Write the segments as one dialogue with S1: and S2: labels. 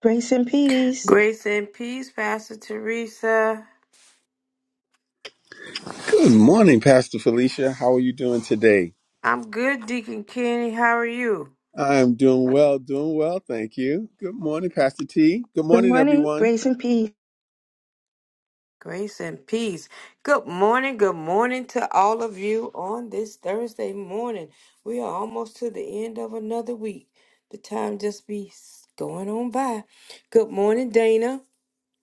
S1: Grace and peace.
S2: Grace and peace, Pastor Teresa.
S3: Good morning, Pastor Felicia. How are you doing today?
S2: I'm good, Deacon Kenny. How are you?
S3: I'm doing well, doing well, thank you. Good morning, Pastor T. Good
S1: Good
S3: morning,
S1: morning.
S3: everyone.
S1: Grace and peace.
S2: Grace and peace. Good morning. Good morning to all of you on this Thursday morning. We are almost to the end of another week. The time just be s- going on by. Good morning, Dana.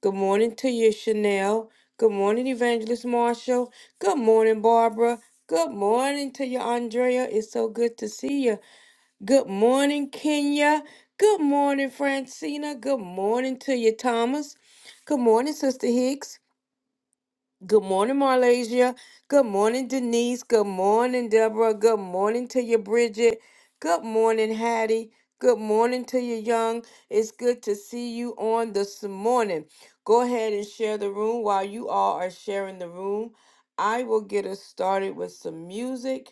S2: Good morning to you, Chanel. Good morning, Evangelist Marshall. Good morning, Barbara. Good morning to you, Andrea. It's so good to see you. Good morning, Kenya. Good morning, Francina. Good morning to you, Thomas. Good morning, Sister Hicks. Good morning, Marlasia. Good morning, Denise. Good morning, Deborah. Good morning to you, Bridget. Good morning, Hattie. Good morning to you, Young. It's good to see you on this morning. Go ahead and share the room while you all are sharing the room. I will get us started with some music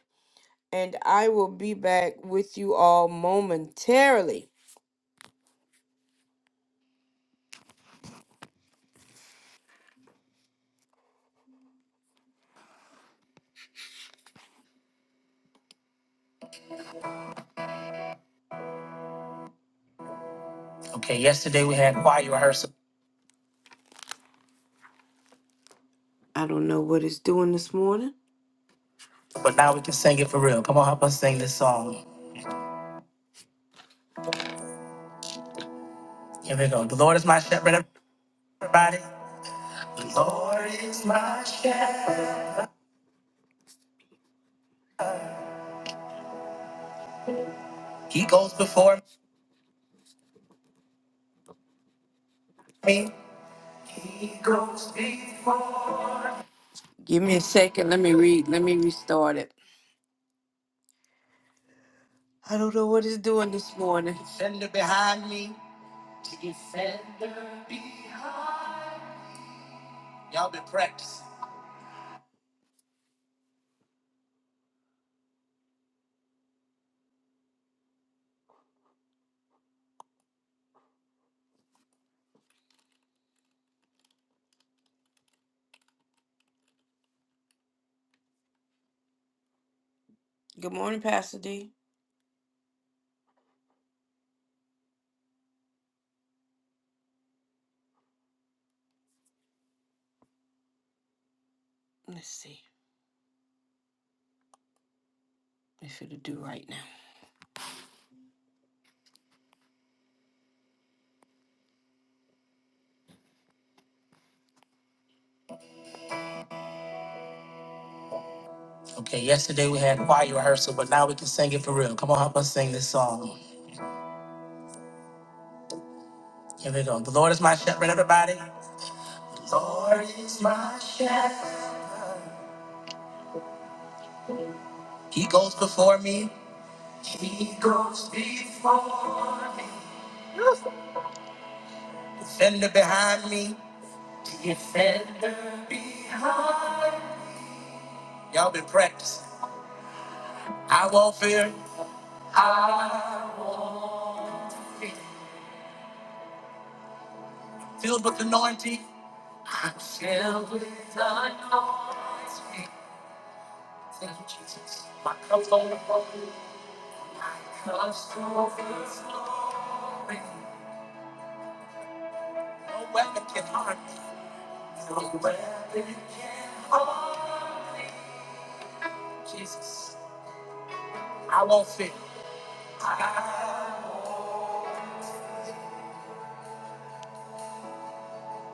S2: and I will be back with you all momentarily. Okay, yesterday we had choir rehearsal. I don't know what it's doing this morning. But now we can sing it for real. Come on, help us sing this song. Here we go. The Lord is my shepherd, everybody. The Lord is my shepherd. He goes before me. He goes before. Give me a second. Let me read. Let me restart it. I don't know what it's doing this morning. Defender behind me. Defender behind Y'all been practicing. Good morning, Pastor D. Let's see if it'll do right now. Okay, yesterday we had choir rehearsal, but now we can sing it for real. Come on, help us sing this song. Here we go. The Lord is my shepherd, everybody. The Lord is my shepherd. He goes before me. He goes before me. Defender behind me. Defender. Y'all been practicing. I won't fear. Filled with anointing. I'm filled with anointing. Thank you, Jesus. My cup's overflowing. My cup's overflowing. No weapon can harm me. No weapon can harm me. Jesus, I won't fear. I-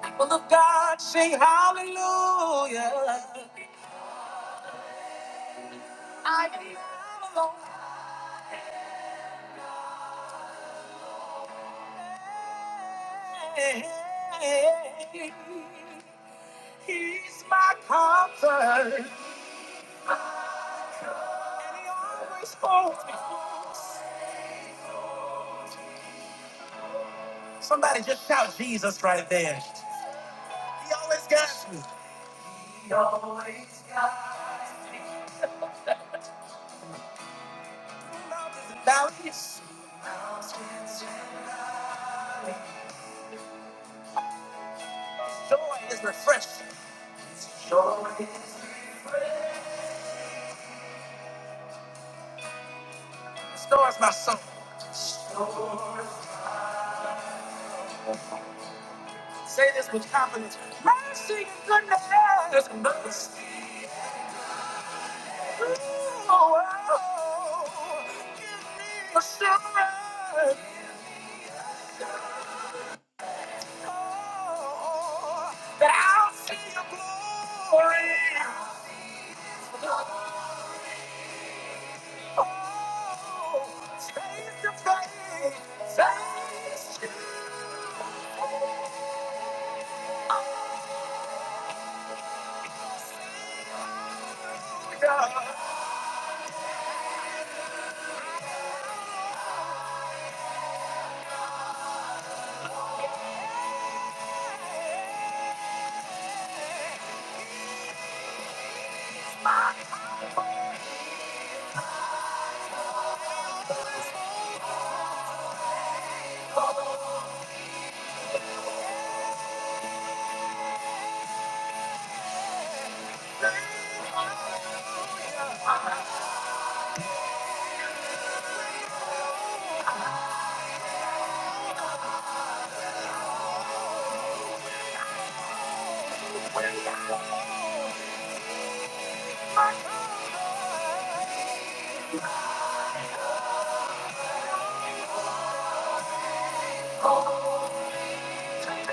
S2: People of God, sing hallelujah. I am not alone. He's my comfort. And he always holds me close. Somebody just shout Jesus right there. He always got me. He always got me. Now his mountains and valleys. Joy is refreshing. Joy is refreshing. Restores my soul. Say this with confidence. Mercy and goodness. and mercy. Oh, God.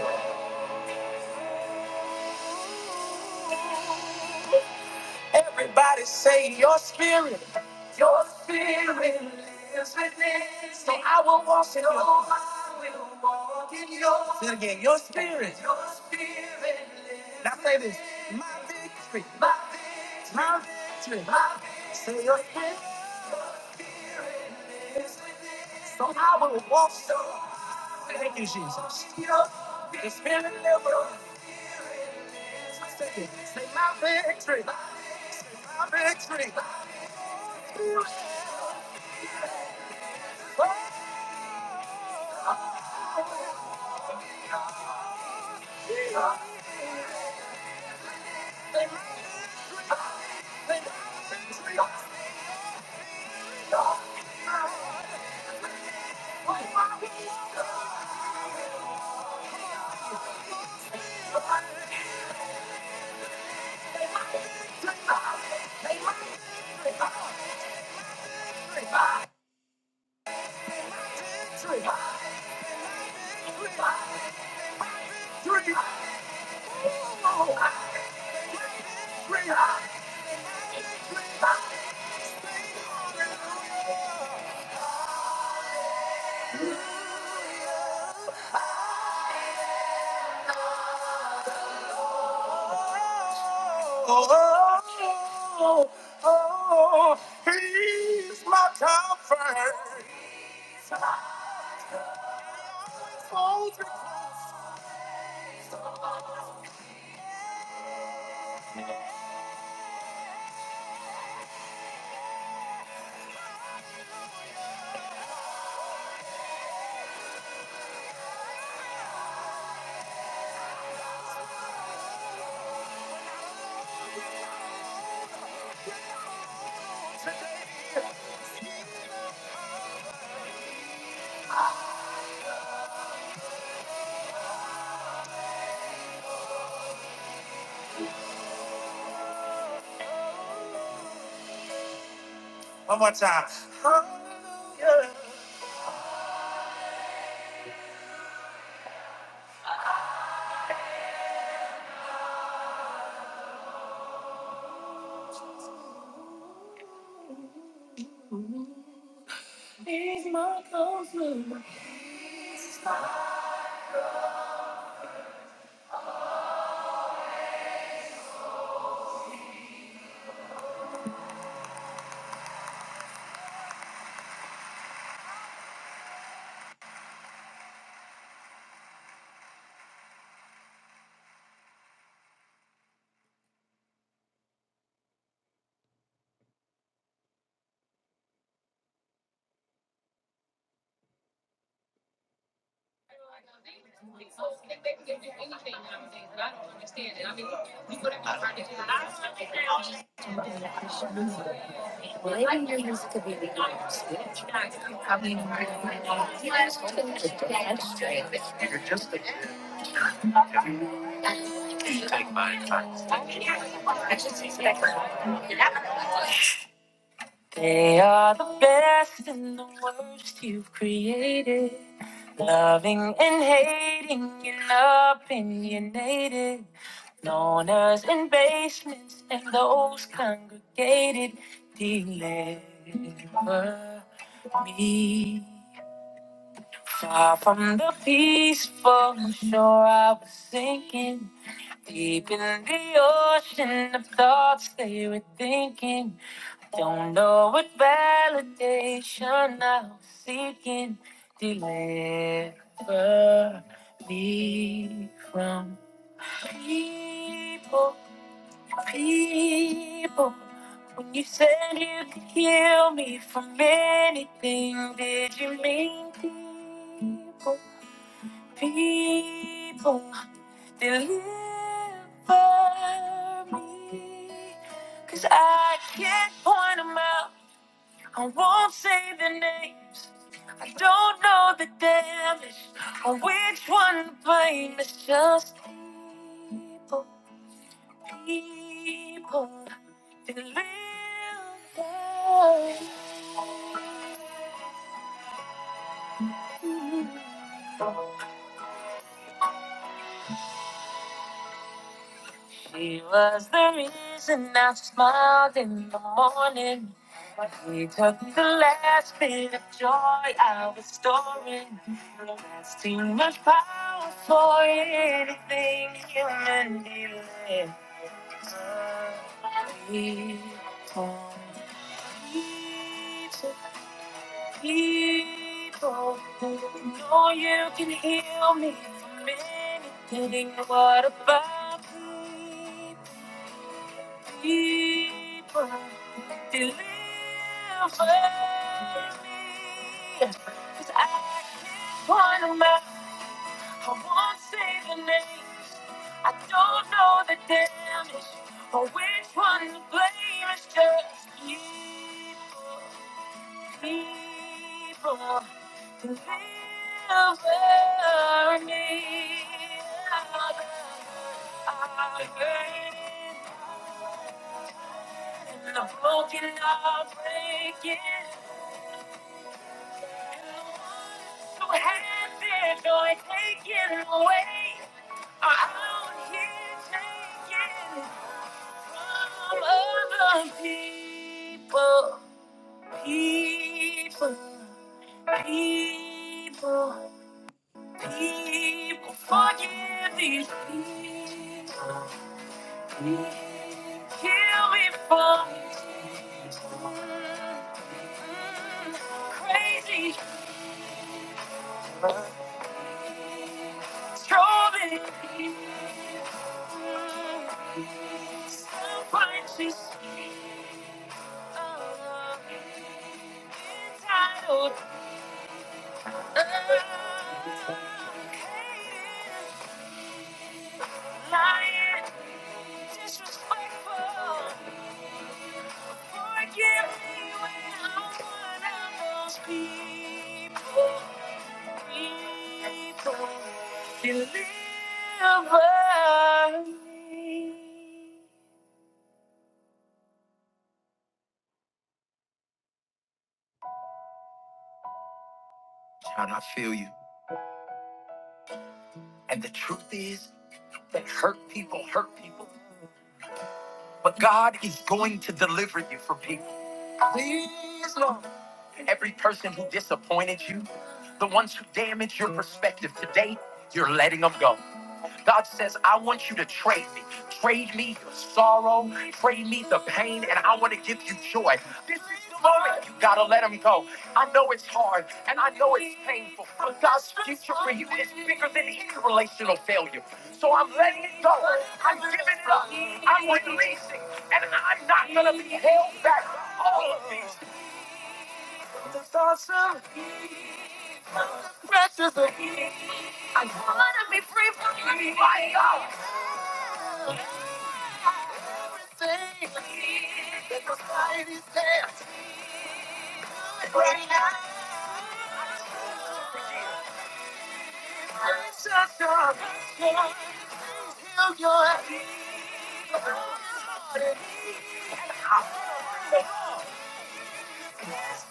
S2: Everybody say your spirit, your spirit lives within. So I will walk in your. So I will walk in your. Say it again. Your spirit. Your spirit lives Now say this. My victory. My victory. My victory. My victory. Say your spirit. lives within. So I will walk. So I will Thank you, Jesus. Your the spirit lives within. Say it. Say my victory. My victory. My victory. Oh, oh, oh, he's my comfort. He Always holds me close. One more time. Hallelujah. He's my God. They are the best and the worst you've created. Loving and hating, you opinionated. Loners in basements and those congregated. Deliver me far from the peaceful shore I was sinking. Deep in the ocean of thoughts they were thinking. Don't know what validation I'm seeking. Deliver me from people, people. When you said you could heal me from anything, did you mean people, people? Deliver me, 'cause I can't point 'em out. I won't say the names. I don't know the damage or which one to blame. It's just people, people that live there. He was the reason I smiled in the morning. He took the last bit of joy I was storing. That's too much power for anything human dealing. People, people, people who know you can heal me from anything. What about people? Keeper, deliver me. 'Cause I can't find a map. I won't say the name. I don't know the damage or which one to blame. It's just evil people to deliver me. I hurt and the broken are breaking. And the ones who have their joy taken away are out here taking from other people. People. People, people, forgive these people. people. Kill me for mm, mm, crazy, strolling people. Mm, Self-righteous people, uh, entitled, uh, lying, disrespectful. Forgive me when I'm one of those people. People can live me. Child, I feel you. And the truth is that hurt people hurt people. But God is going to deliver you from people. Please, Lord. Every person who disappointed you, the ones who damaged your perspective today, you're letting them go. God says, I want you to trade me. Trade me your sorrow, trade me the pain, and I want to give you joy. This is the moment you gotta let him go. I know it's hard and I know it's painful, but God's future for you is bigger than any relational failure. So I'm letting it go. I'm giving it up. I'm releasing, and I'm not gonna be held back. All of these. The thoughts of evil, the pressures of evil. I wanna be free from the fire. Everything that society hands right now. It's such a heal your heart and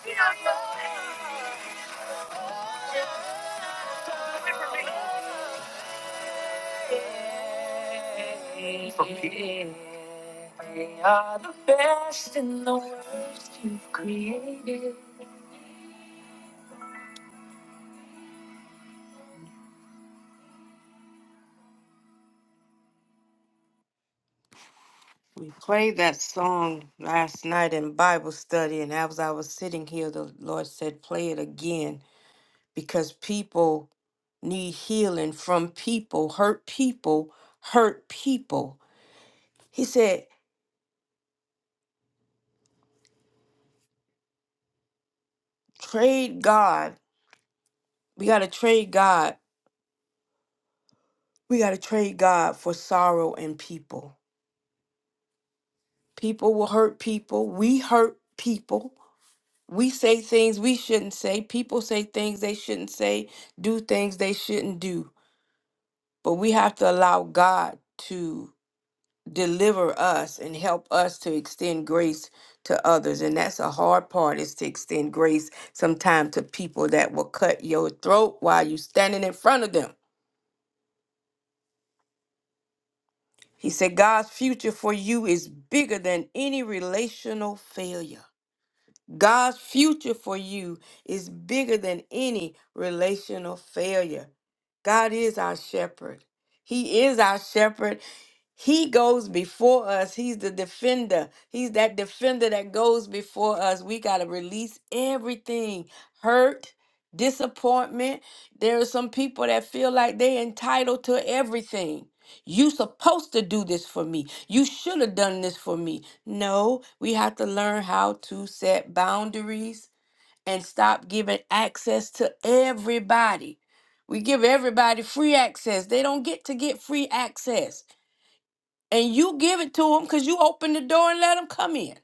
S2: heal your heart. From people. They are the best and the worst you've created. We played that song last night in Bible study, and as I was sitting here, the Lord said, Play it again because people need healing from people, hurt people, hurt people. He said, Trade God. We got to trade God. We got to trade God for sorrow and people. People will hurt people. We hurt people. We say things we shouldn't say. People say things they shouldn't say, do things they shouldn't do But we have to allow God to deliver us and help us to extend grace to others. And that's a hard part is to extend grace sometimes to people that will cut your throat while you're standing in front of them. He said, God's future for you is bigger than any relational failure. God's future for you is bigger than any relational failure. God is our shepherd. He is our shepherd. He goes before us. He's the defender. He's that defender that goes before us. We got to release everything hurt, disappointment. There are some people that feel like they're entitled to everything. You supposed to do this for me. You should have done this for me. No, we have to learn how to set boundaries and stop giving access to everybody. We give everybody free access. They don't get to get free access. And you give it to them cuz you open the door and let them come in.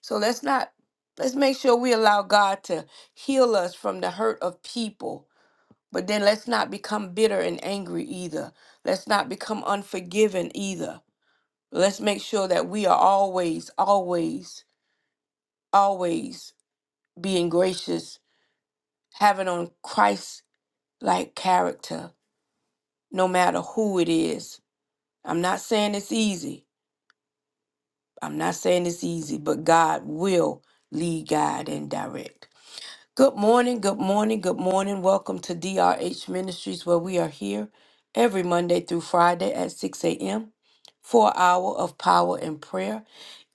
S2: So let's not let's make sure we allow God to heal us from the hurt of people. But then let's not become bitter and angry either. Let's not become unforgiving either Let's make sure that we are always, always, always being gracious, having on Christ like character, no matter who it is. I'm not saying it's easy. I'm not saying it's easy, but God will lead, guide, and direct. Good morning, good morning, good morning. Welcome to DRH Ministries, where we are here every Monday through Friday at 6 a.m. for an hour of power and prayer.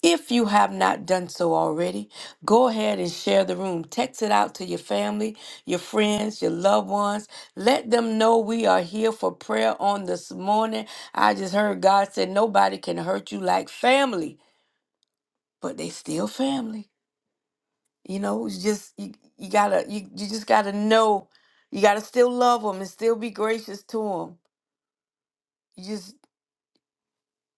S2: If you have not done so already, go ahead and share the room. Text it out to your family, your friends, your loved ones. Let them know we are here for prayer on this morning. I just heard God said nobody can hurt you like family, but they still family. You know, it's just you, you gotta you, you just gotta know you gotta still love them and still be gracious to them. You just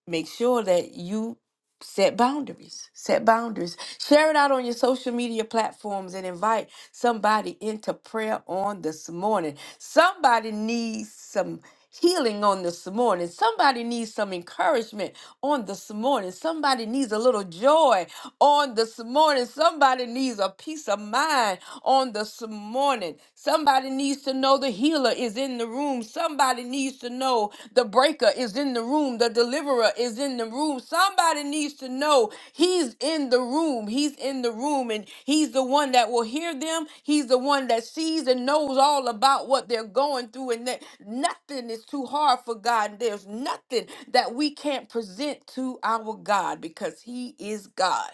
S2: make sure that you set boundaries set boundaries share it out on your social media platforms and invite somebody into prayer on this morning somebody needs some healing on this morning somebody needs some encouragement on this morning somebody needs a little joy on this morning somebody needs a peace of mind on this morning somebody needs to know the healing healer is in the room. Somebody needs to know the breaker is in the room. The deliverer is in the room. Somebody needs to know he's in the room. He's in the room and he's the one that will hear them. He's the one that sees and knows all about what they're going through and that nothing is too hard for God. And There's nothing that we can't present to our God because he is God.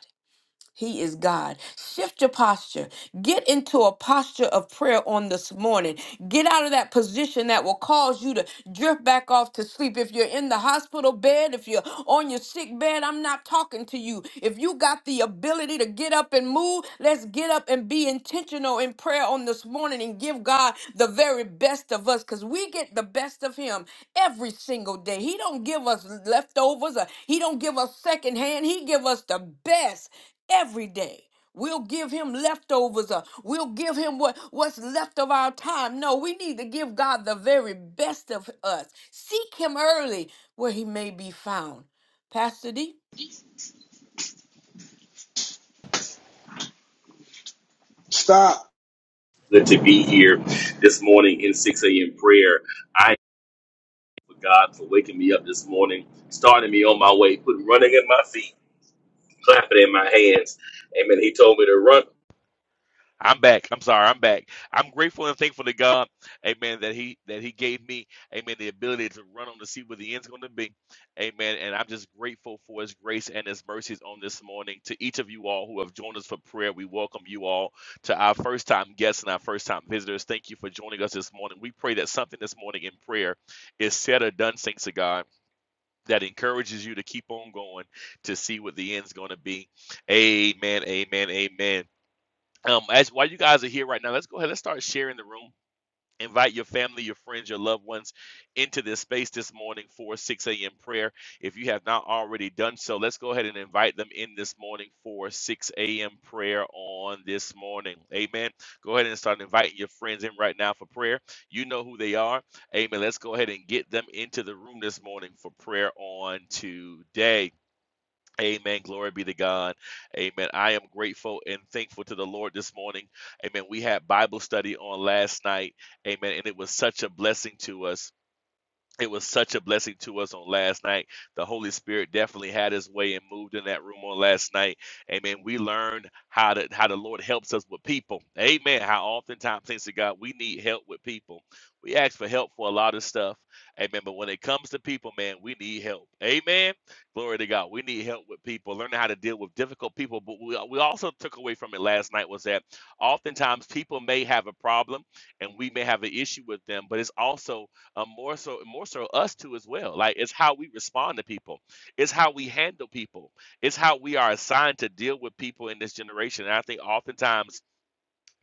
S2: He is God. Shift your posture. Get into a posture of prayer on this morning. Get out of that position that will cause you to drift back off to sleep. If you're in the hospital bed, if you're on your sick bed, I'm not talking to you. If you got the ability to get up and move, let's get up and be intentional in prayer on this morning and give God the very best of us because we get the best of Him every single day. He don't give us leftovers or He don't give us secondhand. He give us the best every day. We'll give him leftovers. Or we'll give him what, what's left of our time. No, we need to give God the very best of us. Seek him early where he may be found. Pastor D.
S4: Stop.
S5: good to be here this morning in 6 a.m. prayer. I thank God for waking me up this morning, starting me on my way, putting running in my feet, clapping in my hands. Amen. He told me to run. I'm back. I'm sorry. I'm back. I'm grateful and thankful to God, Amen. That He that He gave me, Amen, the ability to run on to see where the end's going to be, Amen. And I'm just grateful for His grace and His mercies on this morning. To each of you all who have joined us for prayer, we welcome you all to our first time guests and our first time visitors. Thank you for joining us this morning. We pray that something this morning in prayer is said or done, thanks to God. That encourages you to keep on going to see what the end's going to be. Amen. Amen. Amen. Um, as while you guys are here right now, let's go ahead. Let's start sharing the room. Invite your family, your friends, your loved ones into this space this morning for 6 a.m. prayer. If you have not already done so, let's go ahead and invite them in this morning for 6 a.m. prayer on this morning. Amen. Go ahead and start inviting your friends in right now for prayer. You know who they are. Amen. Let's go ahead and get them into the room this morning for prayer on today. Amen. Glory be to God. Amen. I am grateful and thankful to the Lord this morning. Amen. We had Bible study on last night. Amen. And it was such a blessing to us it was such a blessing to us on last night. The Holy Spirit definitely had his way and moved in that room on last night. Amen. We learned how to how the Lord helps us with people. Amen. How oftentimes thanks to God, we need help with people. We ask for help for a lot of stuff. Amen. But when it comes to people, man, we need help. Amen. Glory to God. We need help with people, learning how to deal with difficult people. But we, we also took away from it last night was that oftentimes people may have a problem and we may have an issue with them, but it's also uh, more so more so us too as well like it's how we respond to people it's how we handle people it's how we are assigned to deal with people in this generation and i think oftentimes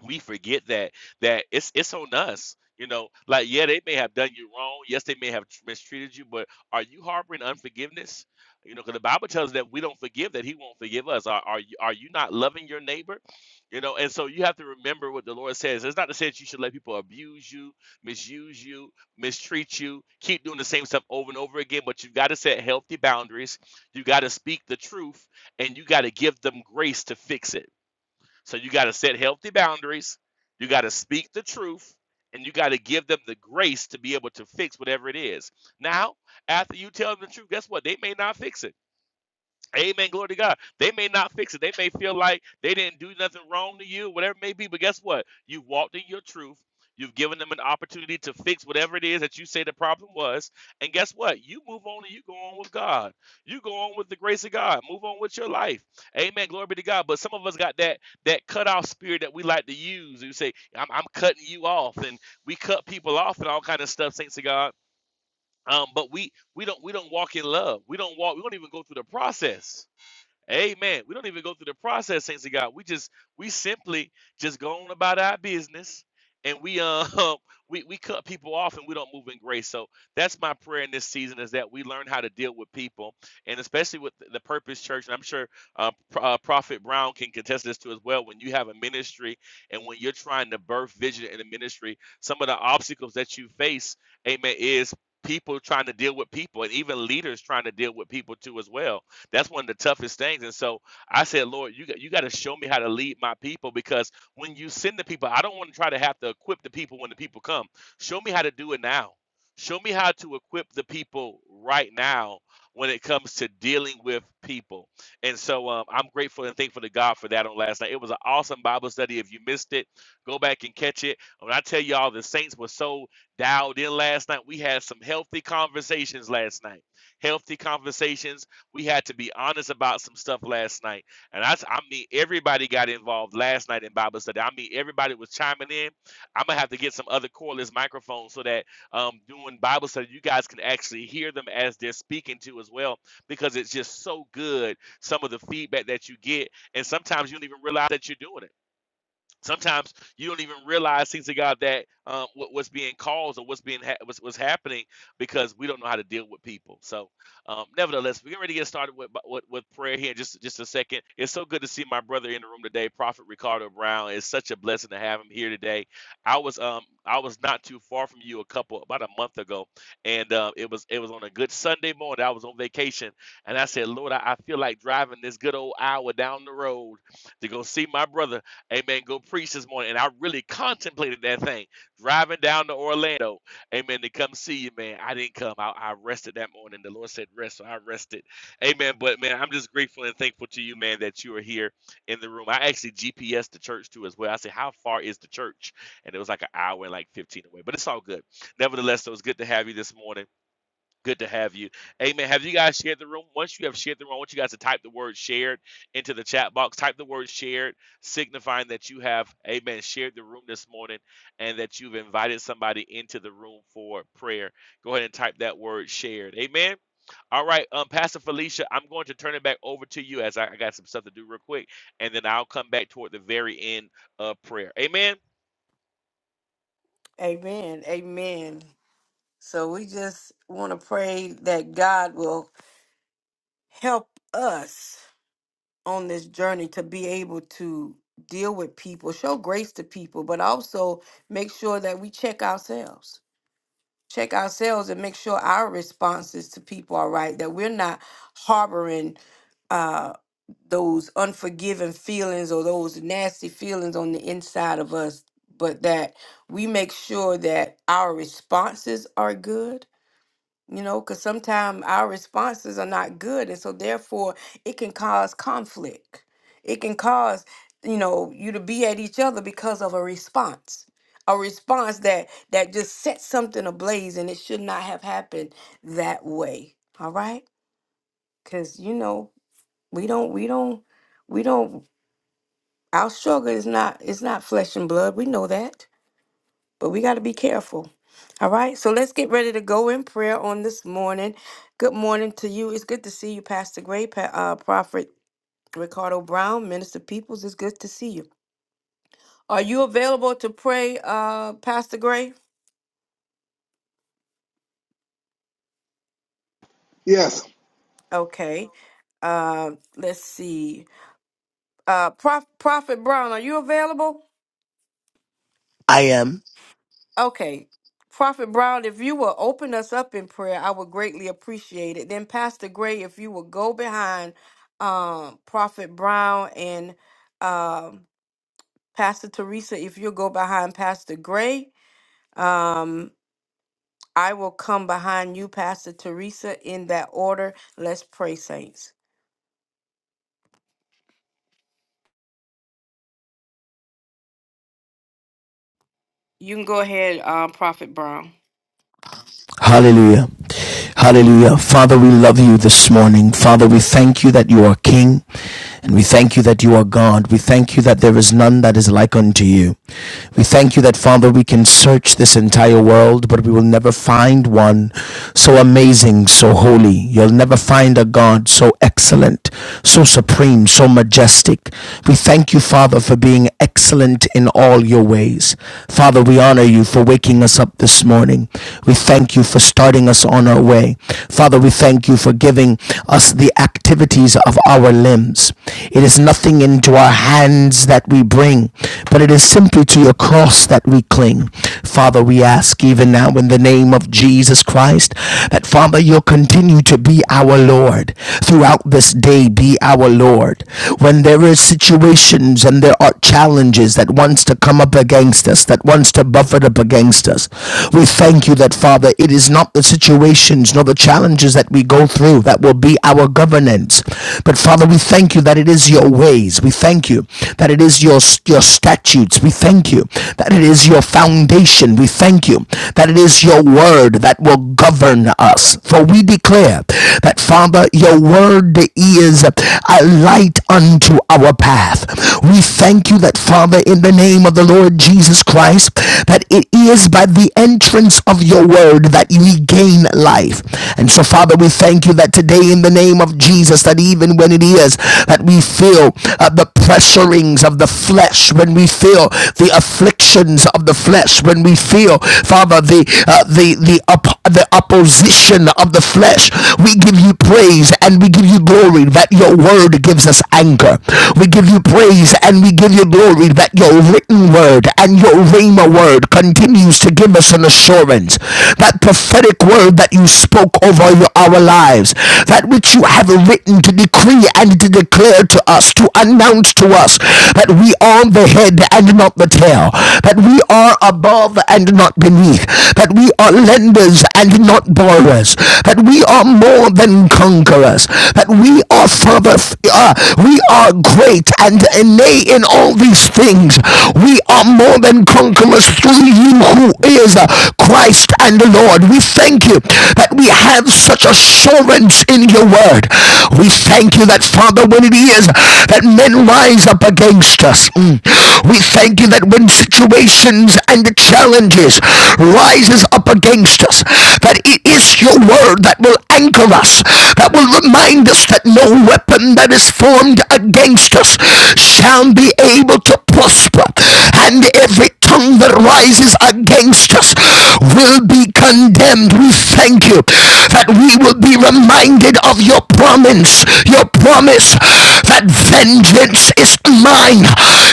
S5: we forget that that it's it's on us. You know, like yeah, they may have done you wrong. Yes, they may have mistreated you, but are you harboring unforgiveness? You know, because the Bible tells us that we don't forgive, that He won't forgive us. Are are you, are you not loving your neighbor? You know, and so you have to remember what the Lord says. It's not to say that you should let people abuse you, misuse you, mistreat you, keep doing the same stuff over and over again. But you've got to set healthy boundaries. You got to speak the truth, and you got to give them grace to fix it so you got to set healthy boundaries. You got to speak the truth. And you got to give them the grace to be able to fix whatever it is. Now, after you tell them the truth, guess what? They may not fix it. Amen. Glory to God. They may not fix it. They may feel like they didn't do nothing wrong to you, whatever it may be. But guess what? you walked in your truth. You've given them an opportunity to fix whatever it is that you say the problem was. And guess what? You move on and you go on with God. You go on with the grace of God. Move on with your life. Amen. Glory be to God. But some of us got that that cut off spirit that we like to use. You say, I'm, I'm cutting you off. And we cut people off and all kind of stuff, thanks to God. Um, but we we don't we don't walk in love. We don't walk, we don't even go through the process Amen. We don't even go through the process, saints of God. We just we simply just go on about our business and we um we, we cut people off and we don't move in grace. So that's my prayer in this season is that we learn how to deal with people and especially with the Purpose Church. And I'm sure uh, Pro- uh, Prophet Brown can contest this too as well. When you have a ministry and when you're trying to birth vision in a ministry, some of the obstacles that you face, amen, is people trying to deal with people and even leaders trying to deal with people too as well that's one of the toughest things. And so I said, Lord, you got you got to show me how to lead my people because when you send the people, I don't want to try to have to equip the people when the people come. Show me how to do it now. Show me how to equip the people right now when it comes to dealing with people. And so um, I'm grateful and thankful to God for that on last night. It was an awesome Bible study. If you missed it, go back and catch it. When I tell y'all the saints were so dialed in last night, we had some healthy conversations last night. Healthy conversations we had to be honest about some stuff last night. And I—I mean, everybody got involved last night in Bible study. I mean, everybody was chiming in. I'm going to have to get some other cordless microphones so that um, doing Bible study, you guys can actually hear them as they're speaking to as well, because it's just so good, some of the feedback that you get. And sometimes you don't even realize that you're doing it sometimes you don't even realize things of God that um, what, what's being caused or what's being ha- what's, what's happening because we don't know how to deal with people. So, um, nevertheless, we're ready to get started with, with with prayer here in just just a second. It's so good to see my brother in the room today, Prophet Ricardo Brown. It's such a blessing to have him here today. I was um I was not too far from you a couple about a month ago, and uh, it was it was on a good Sunday morning. I was on vacation, and I said, Lord, I, I feel like driving this good old hour down the road to go see my brother Amen. Go preach this morning. And I really contemplated that thing. Driving down to Orlando. Amen. To come see you, man. I didn't come. I, I rested that morning. The Lord said rest. So I rested. Amen. But man, I'm just grateful and thankful to you, man, that you are here in the room. I actually GPS the church too as well. I said, How far is the church? And it was like an hour and like 15 away. But it's all good. Nevertheless, it was good to have you this morning. Good to have you. Amen. Have you guys shared the room? Once you have shared the room, I want you guys to type the word shared into the chat box. Type the word shared, signifying that you have, amen, shared the room this morning and that you've invited somebody into the room for prayer. Go ahead and type that word shared. Amen. All right, um, Pastor Felicia, I'm going to turn it back over to you as I, I got some stuff to do real quick, and then I'll come back toward the very end of prayer. Amen.
S2: Amen. Amen. So we just want to pray that God will help us on this journey to be able to deal with people, show grace to people, but also make sure that we check ourselves check ourselves and make sure our responses to people are right, that we're not harboring uh, those unforgiving feelings or those nasty feelings on the inside of us, but that we make sure that our responses are good you know, because sometimes our responses are not good. And so, therefore, it can cause conflict. It can cause, you know, you to be at each other because of a response. A response that that just sets something ablaze and it should not have happened that way. All right? Cause you know, we don't we don't we don't our struggle is not it's not flesh and blood. We know that but we got to be careful. All right, so let's get ready to go in prayer on this morning. Good morning to you. It's good to see you, Pastor Gray, Pa- uh, Prophet Ricardo Brown, Minister Peoples. It's good to see you. Are you available to pray, uh, Pastor Gray?
S4: Yes.
S2: Okay. Uh, let's see. Uh, Prof- Prophet Brown, are you available?
S6: I am.
S2: Okay. Prophet Brown, if you will open us up in prayer, I would greatly appreciate it. Then Pastor Gray, if you will go behind um, Prophet Brown and um, Pastor Teresa, if you'll go behind Pastor Gray, um, I will come behind you, Pastor Teresa, in that order. Let's pray, saints. You can go ahead, um, Prophet Brown.
S6: Hallelujah. Hallelujah. Father, we love you this morning. Father, we thank you that you are King and we thank you that you are God. We thank you that there is none that is like unto you. We thank you that, Father, we can search this entire world, but we will never find one so amazing, so holy. You'll never find a God so excellent, so supreme, so majestic. We thank you, Father, for being excellent in all your ways. Father, we honor you for waking us up this morning. We thank you for starting us on our way. Father, we thank you for giving us the activities of our limbs. It is nothing into our hands that we bring, but it is simply to your cross that we cling. Father, we ask even now in the name of Jesus Christ that, Father, you'll continue to be our Lord throughout this day. Be our Lord. When there are situations and there are challenges that wants to come up against us, that wants to buffet up against us, we thank you that, Father, it is not the situations nor the challenges that we go through that will be our governance. But, Father, we thank you that it is your ways. We thank you that it that it is your, your statutes. We thank you that it is your foundation. We thank you that it is your word that will govern us. For we declare that, Father, your word is a light unto our path. We thank you that, Father, in the name of the Lord Jesus Christ, that it is by the entrance of your word that we gain life. And so, Father, we thank you that today, in the name of Jesus, that even when it is that we feel uh, uh, the pressurings of the flesh, when we feel the afflictions of the flesh, when we feel, Father, the uh, the the up, the opposition of the flesh, we give you praise and we give you glory that your word gives us anchor. We give you praise and we give you glory that your written word and your rhema word continues to give us an assurance. That prophetic word that you spoke over your- our lives, that which you have written to decree and to declare declare to us, to announce to us that we are the head and not the tail, that we are above and not beneath, that we are lenders and not borrowers, that we are more than conquerors, that we are Father, uh, we are great and nay in all these things. We are more than conquerors through you who is uh, Christ and the Lord. We thank you that we have such assurance in your word. We thank thank you that, Father, when it is that men rise up against us, mm, we thank you that when situations and the challenges rises up against us, that it is your word that will anchor us, that will remind us that no weapon that is formed against us shall be able to prosper, and every tongue that rises against us will be condemned. We thank you that we will be reminded of your promise, your promise that vengeance is mine,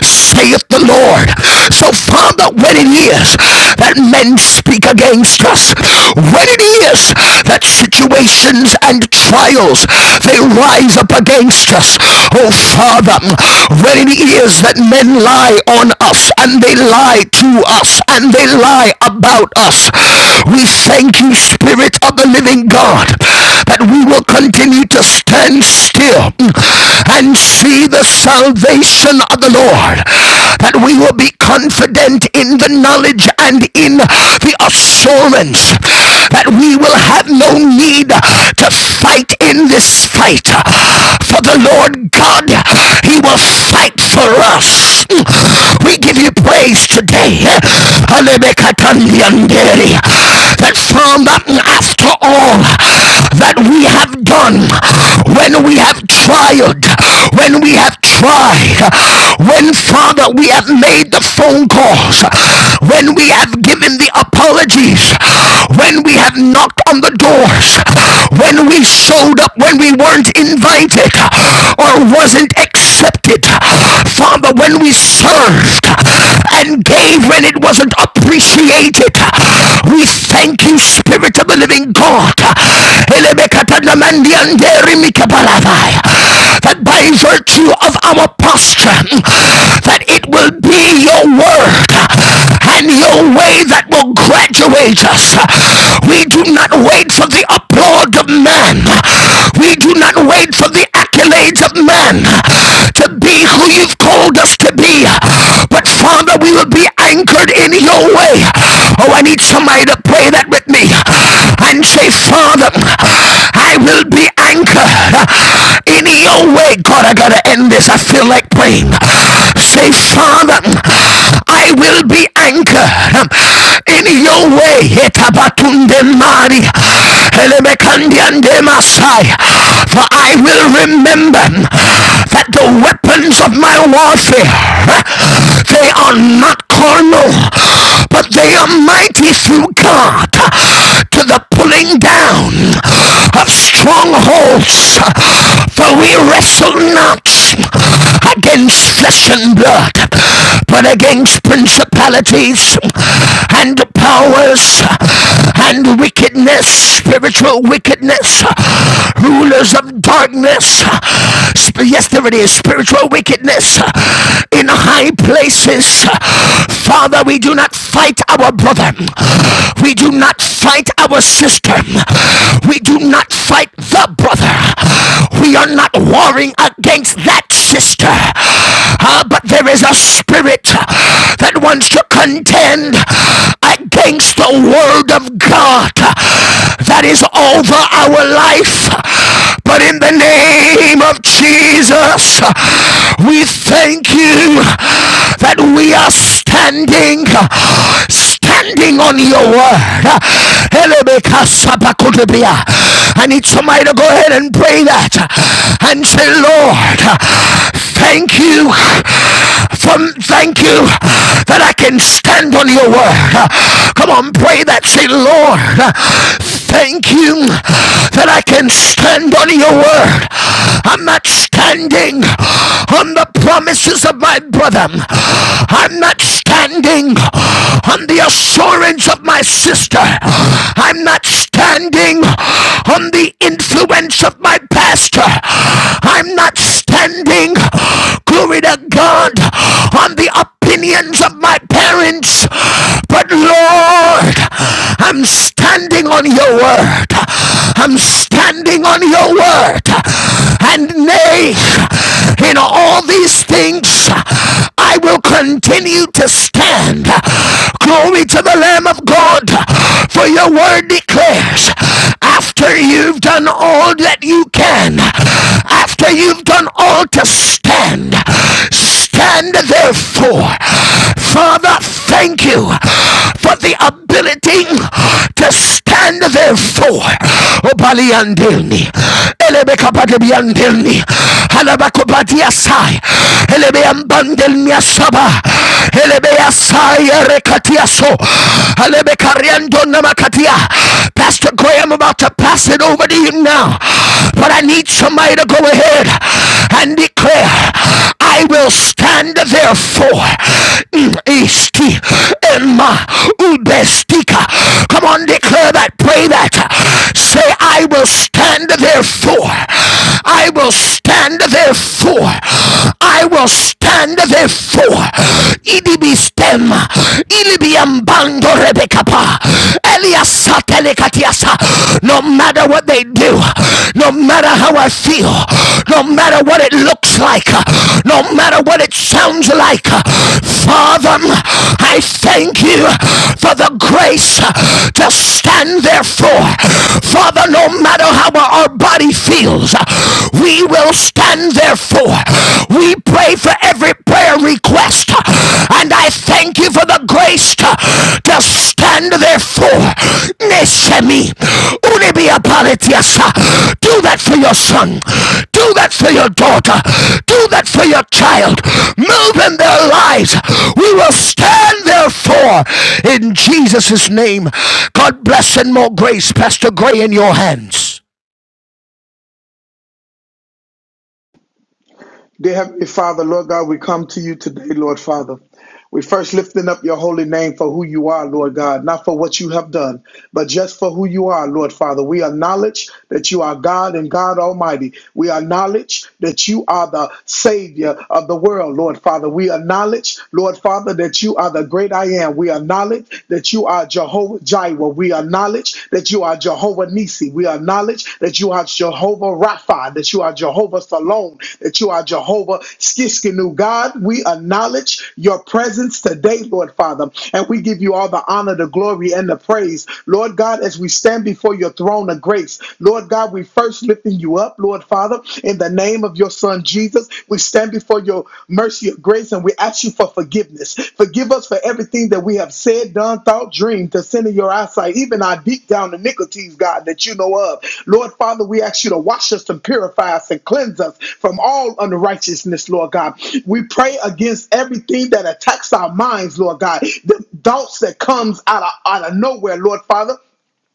S6: saith the Lord. So, Father, when it is that men speak against us, when it is that situations and trials they rise up against us, oh Father, when it is that men lie on us and they lie to us and they lie about us, we thank you Spirit of the living God, that we will continue to stand still and see the salvation of the Lord, that we will be confident in the knowledge and in the assurance that we will have no need to fight in this fight. For the Lord God, He he will fight for us. We give you praise today. That from after all that we have done, when we have trialed, when we have tried, when Father we have made the phone calls, when we have given the apologies, when we have knocked on the doors, when we showed up when we weren't invited or wasn't expected, accepted. Father, when we served and gave when it wasn't appreciated, we thank you, Spirit of the Living God. That by virtue of our posture, that it will be your word and your way that will graduate us. We do not wait for the applause of man. We do not wait for the accolades of not men to be who you've called us to be, but Father, we will be anchored in your way. Oh, I need somebody to pray that with me and say, Father, I will be anchored in your way. God, I gotta end this. I feel like praying. Say, Father, I will be anchored in your way. Etabatunde mari. Elemekandiande masai. For I will remember that the weapons of my warfare, they are not carnal, but they are mighty through God to the pulling down of strongholds. For we wrestle not against flesh and blood, but against principalities and powers and wickedness, spiritual wickedness, rulers of darkness. Yes, there it is, spiritual wickedness in high places. Father, we do not fight our brother. We do not fight our system. We do not fight the brother. We are not warring against that sister. Ah, but there is a spirit that wants to contend against the word of God that is over our life. But in the name of Jesus, we thank you that we are standing standing on your word. I need somebody to go ahead and pray that and say, Lord, thank you. From, thank you that I can stand on your word. Come on, pray that. Say, Lord, thank you that I can stand on your word. I'm not standing on the promises of my brother. I'm not standing on the assurance of my sister. I'm not standing on the influence of my pastor. I'm not standing, glory to God, on the opinions of my parents. But Lord, Lord, I'm standing on your word. I'm standing on your word. And nay, in all these things, I will continue to stand. Glory to the Lamb of God, for your word declares after you've done all that you can, after you've done all to stand, stand therefore. Father, thank you for the ability to stand therefore. Pastor Graham, about to pass it over to you now. But I need somebody to go ahead and declare. I will stand therefore esti in my ubestika. Come on, declare that, pray that. Say, I will stand therefore. I will stand therefore. I will stand therefore. Idibi stem. Ilibi ambando rebekapa. Elias no matter what they do, no matter how I feel, no matter what it looks like, no matter what it sounds like, Father, I thank you for the grace to stand therefore. Father, no matter how our body feels, we will stand therefore. We pray for every prayer request. And I thank you for the grace to, to stand therefore. This Eshemi. Unibiapaletiasa. Do that for your son. Do that for your daughter. Do that for your child. Move in their lives. We will stand therefore in Jesus' name. God bless and more grace, Pastor Gray, in your hands.
S4: Dear Heavenly Father, Lord God, we come to you today, Lord Father. We first lifting up your holy name for who you are, Lord God, not for what you have done, but just for who you are, Lord Father. We acknowledge that you are God and God Almighty. We acknowledge that you are the Savior of the world, Lord Father. We acknowledge, Lord Father, that you are the great I am. We acknowledge that you are Jehovah Jireh. We acknowledge that you are Jehovah Nisi. We acknowledge that you are Jehovah Rapha, that you are Jehovah Salome, that you are Jehovah Skiskinu. God, we acknowledge your presence today, Lord Father, and we give you all the honor, the glory, and the praise. Lord God, as we stand before your throne of grace, Lord God, we first lifting you up, Lord Father, in the name of your Son Jesus. We stand stand before your mercy or grace and we ask you for forgiveness. Forgive us for everything that we have said, done, thought, dreamed, to sin in your eyesight, even our deep down iniquities, God, that you know of. Lord Father, we ask you to wash us and purify us and cleanse us from all unrighteousness, Lord God. We pray against everything that attacks our minds, Lord God, the thoughts that comes out of, out of nowhere, Lord Father.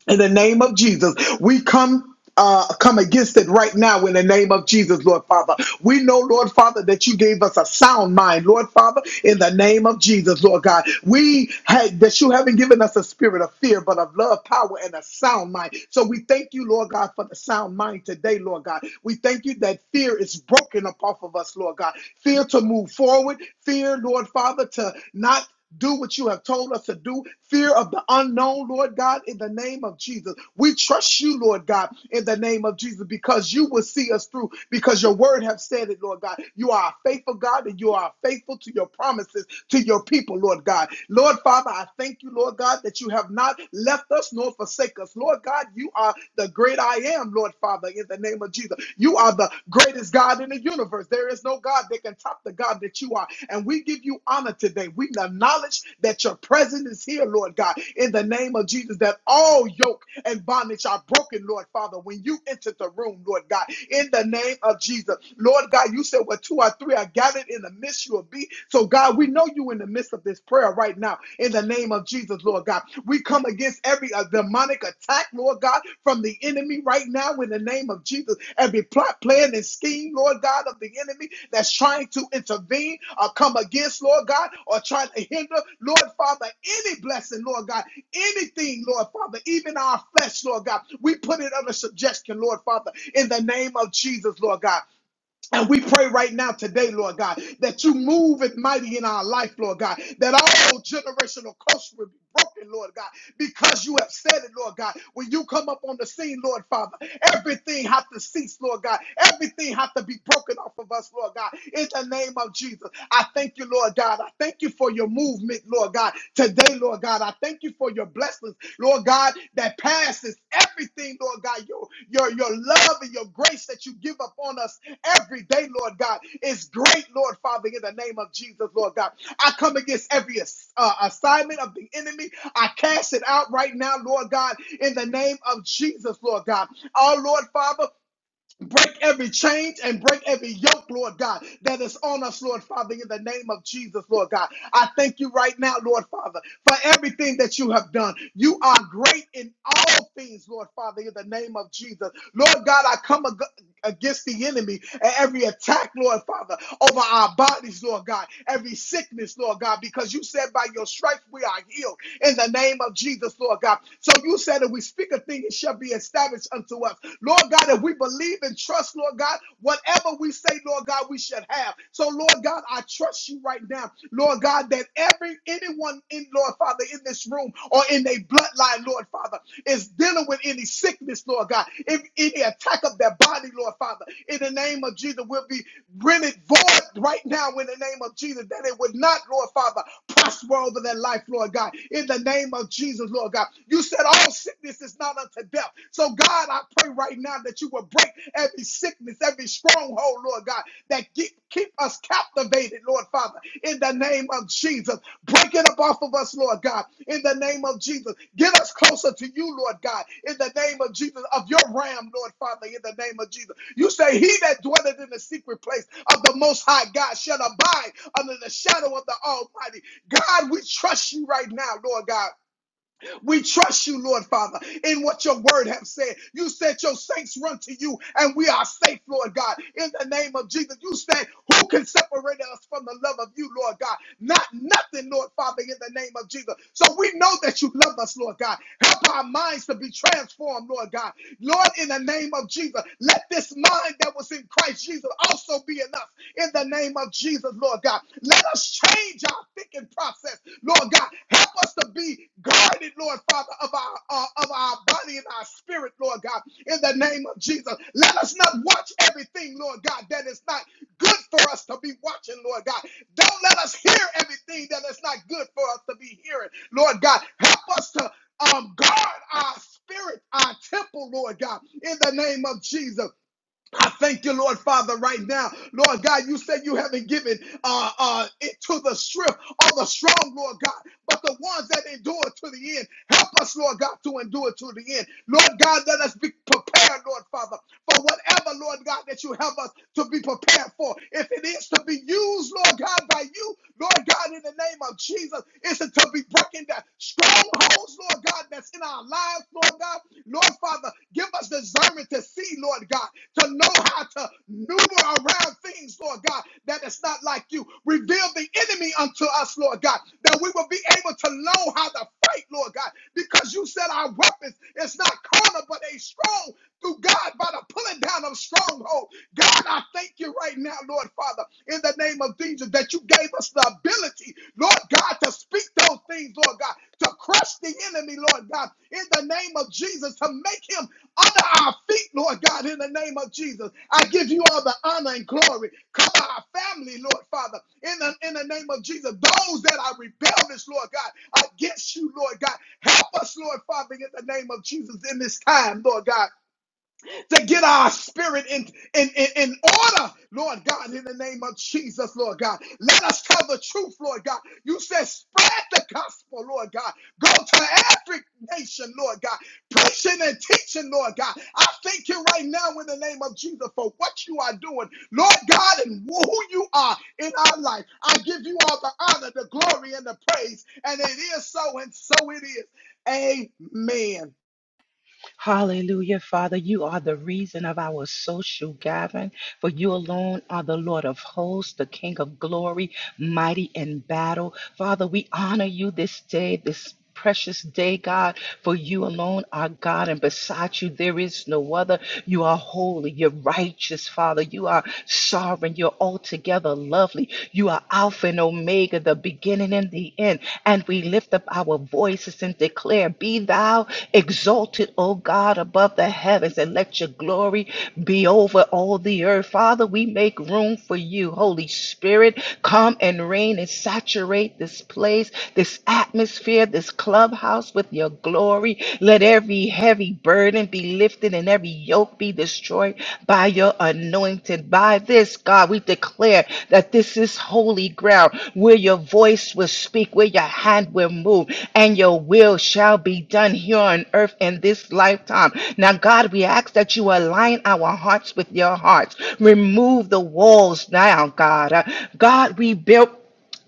S4: In the name of Jesus, we come. Uh, come against it right now in the name of Jesus, Lord Father. We know, Lord Father, that you gave us a sound mind, Lord Father, in the name of Jesus, Lord God. We had that you haven't given us a spirit of fear, but of love, power, and a sound mind. So we thank you, Lord God, for the sound mind today, Lord God. We thank you that fear is broken up off of us, Lord God. Fear to move forward, fear, Lord Father, to not do what you have told us to do. Fear of the unknown, Lord God, in the name of Jesus. We trust you, Lord God, in the name of Jesus, because you will see us through, because your word have said it, Lord God. You are a faithful God and you are faithful to your promises to your people, Lord God. Lord Father, I thank you, Lord God, that you have not left us nor forsake us. Lord God, you are the great I am, Lord Father, in the name of Jesus. You are the greatest God in the universe. There is no God that can top the God that you are. And we give you honor today. We acknowledge that your presence is here, Lord God, in the name of Jesus, that all yoke and bondage are broken, Lord Father, when you enter the room, Lord God in the name of Jesus. Lord God, you said where two or three are gathered in the midst, you will be. So, God, we know you in the midst of this prayer right now in the name of Jesus, Lord God. We come against every uh, demonic attack, Lord God, from the enemy right now in the name of Jesus. Every plot, plan, and scheme, Lord God, of the enemy that's trying to intervene or come against, Lord God, or trying to hinder, Lord Father, any blessing, Lord God, anything, Lord Father, even our flesh, Lord God. We put it under suggestion, Lord Father, in the name of Jesus, Lord God. And we pray right now today, Lord God, that you move it mighty in our life, Lord God, that all generational curse will be broken, Lord God, because you have said it, Lord God. When you come up on the scene, Lord Father, everything has to cease, Lord God. Everything has to be broken off of us, Lord God, in the name of Jesus. I thank you, Lord God. I thank you for your movement, Lord God, today, Lord God. I thank you for your blessings, Lord God, that passes everything, Lord God, your, your, your love and your grace that you give upon us every day, Lord God, is great, Lord Father, in the name of Jesus, Lord God. I come against every ass- uh, assignment of the enemy. I cast it out right now, Lord God, in the name of Jesus, Lord God. Oh, Lord Father, Break every change and break every yoke, Lord God, that is on us, Lord Father, in the name of Jesus, Lord God. I thank you right now, Lord Father, for everything that you have done. You are great in all things, Lord Father, in the name of Jesus. Lord God, I come ag- against the enemy and every attack, Lord Father, over our bodies, Lord God, every sickness, Lord God, because you said by your stripes we are healed in the name of Jesus, Lord God. So you said that we speak a thing, it shall be established unto us. Lord God, if we believe and trust, Lord God, whatever we say, Lord God, we should have. So, Lord God, I trust you right now, Lord God, that every anyone in, Lord Father, in this room or in their bloodline, Lord Father, is dealing with any sickness, Lord God, if any attack of their body, Lord Father, in the name of Jesus, will be rent it void right now in the name of Jesus, that it would not, Lord Father, prosper over their life, Lord God, in the name of Jesus, Lord God. You said all sickness is not unto death. So, God, I pray right now that you will break every sickness, every stronghold, Lord God, that keep, keep us captivated, Lord Father, in the name of Jesus. Break it up off of us, Lord God, in the name of Jesus. Get us closer to you, Lord God, in the name of Jesus, of your ram, Lord Father, in the name of Jesus. You say, He that dwelleth in the secret place of the Most High God shall abide under the shadow of the Almighty. God, we trust you right now, Lord God. We trust you, Lord Father, in what your word have said. You said your saints run to you and we are safe, Lord God. In the name of Jesus, you said, who can separate us from the love of you, Lord God? Not nothing, Lord Father, in the name of Jesus. So we know that you love us, Lord God. Help our minds to be transformed, Lord God. Lord, in the name of Jesus, let this mind that was in Christ Jesus also be in us in the name of Jesus, Lord God. Let us change our thinking process Lord God, help us to be guarded, Lord Father, of our uh, of our body and our spirit, Lord God, in the name of Jesus. Let us not watch everything, Lord God, that is not good for us to be watching, Lord God. Don't let us hear everything that is not good for us to be hearing, Lord God. Help us to um, guard our spirit, our temple, Lord God, in the name of Jesus. I thank you, Lord Father, right now. Lord God, you said you haven't given uh, uh, it to the swift or the strong, Lord God, but the ones that endure to the end. Help us, Lord God, to endure to the end. Lord God, let us be prepared, Lord Father, for whatever, Lord God, that you have us to be prepared for. If it is to be used, Lord God, by you, Lord God, in the name of Jesus, it's to be breaking down strongholds, Lord God, that's in our lives, Lord God. Lord Father, give us discernment to see, Lord God to know how to maneuver around things, Lord God, that is not like you. Reveal the enemy unto us, Lord God, that we will be able to know how to fight, Lord God, because you said our weapons is not carnal, but they strong through God by the pulling down of stronghold. God, I thank you right now, Lord Father, in the name of Jesus, that you gave us the ability, Lord God, to speak those things, Lord God, to crush the enemy, Lord God, in the name of Jesus, to make him under our feet, Lord God, in the name of Jesus. I give you all the honor and glory. Cover our family, Lord Father, in the, in the name of Jesus. Those that are rebellious, Lord God, against you, Lord God, help us, Lord Father, in the name of Jesus in this time, Lord God to get our spirit in, in, in, in order, Lord God, in the name of Jesus, Lord God. Let us tell the truth, Lord God. You said spread the gospel, Lord God. Go to every nation, Lord God. Preaching and teaching, Lord God. I thank you right now in the name of Jesus for what you are doing, Lord God, and who you are in our life. I give you all the honor, the glory, and the praise. And it is so, and so it is. Amen.
S1: Hallelujah, Father. You are the reason of our social gathering, for you alone are the Lord of hosts, the King of glory, mighty in battle. Father, we honor you this day, this precious day, God, for you alone are God, and beside you there is no other. You are holy, you're righteous, Father. You are sovereign, you're altogether lovely. You are Alpha and Omega, the beginning and the end. And and we lift up our voices and declare, Be thou exalted, O God, above the heavens, and let your glory be over all the earth. Father, we make room for you. Holy Spirit, come and reign and saturate this place, this atmosphere, this clubhouse with your glory. Let every heavy burden be lifted and every yoke yoke be destroyed by your anointed. By this, God, we declare that this is holy ground where your voice will speak, where your hand will move, and your will shall be done here on earth in this lifetime. Now, God, we ask that you align our hearts with your hearts. Remove the walls now, God. Uh, God, we built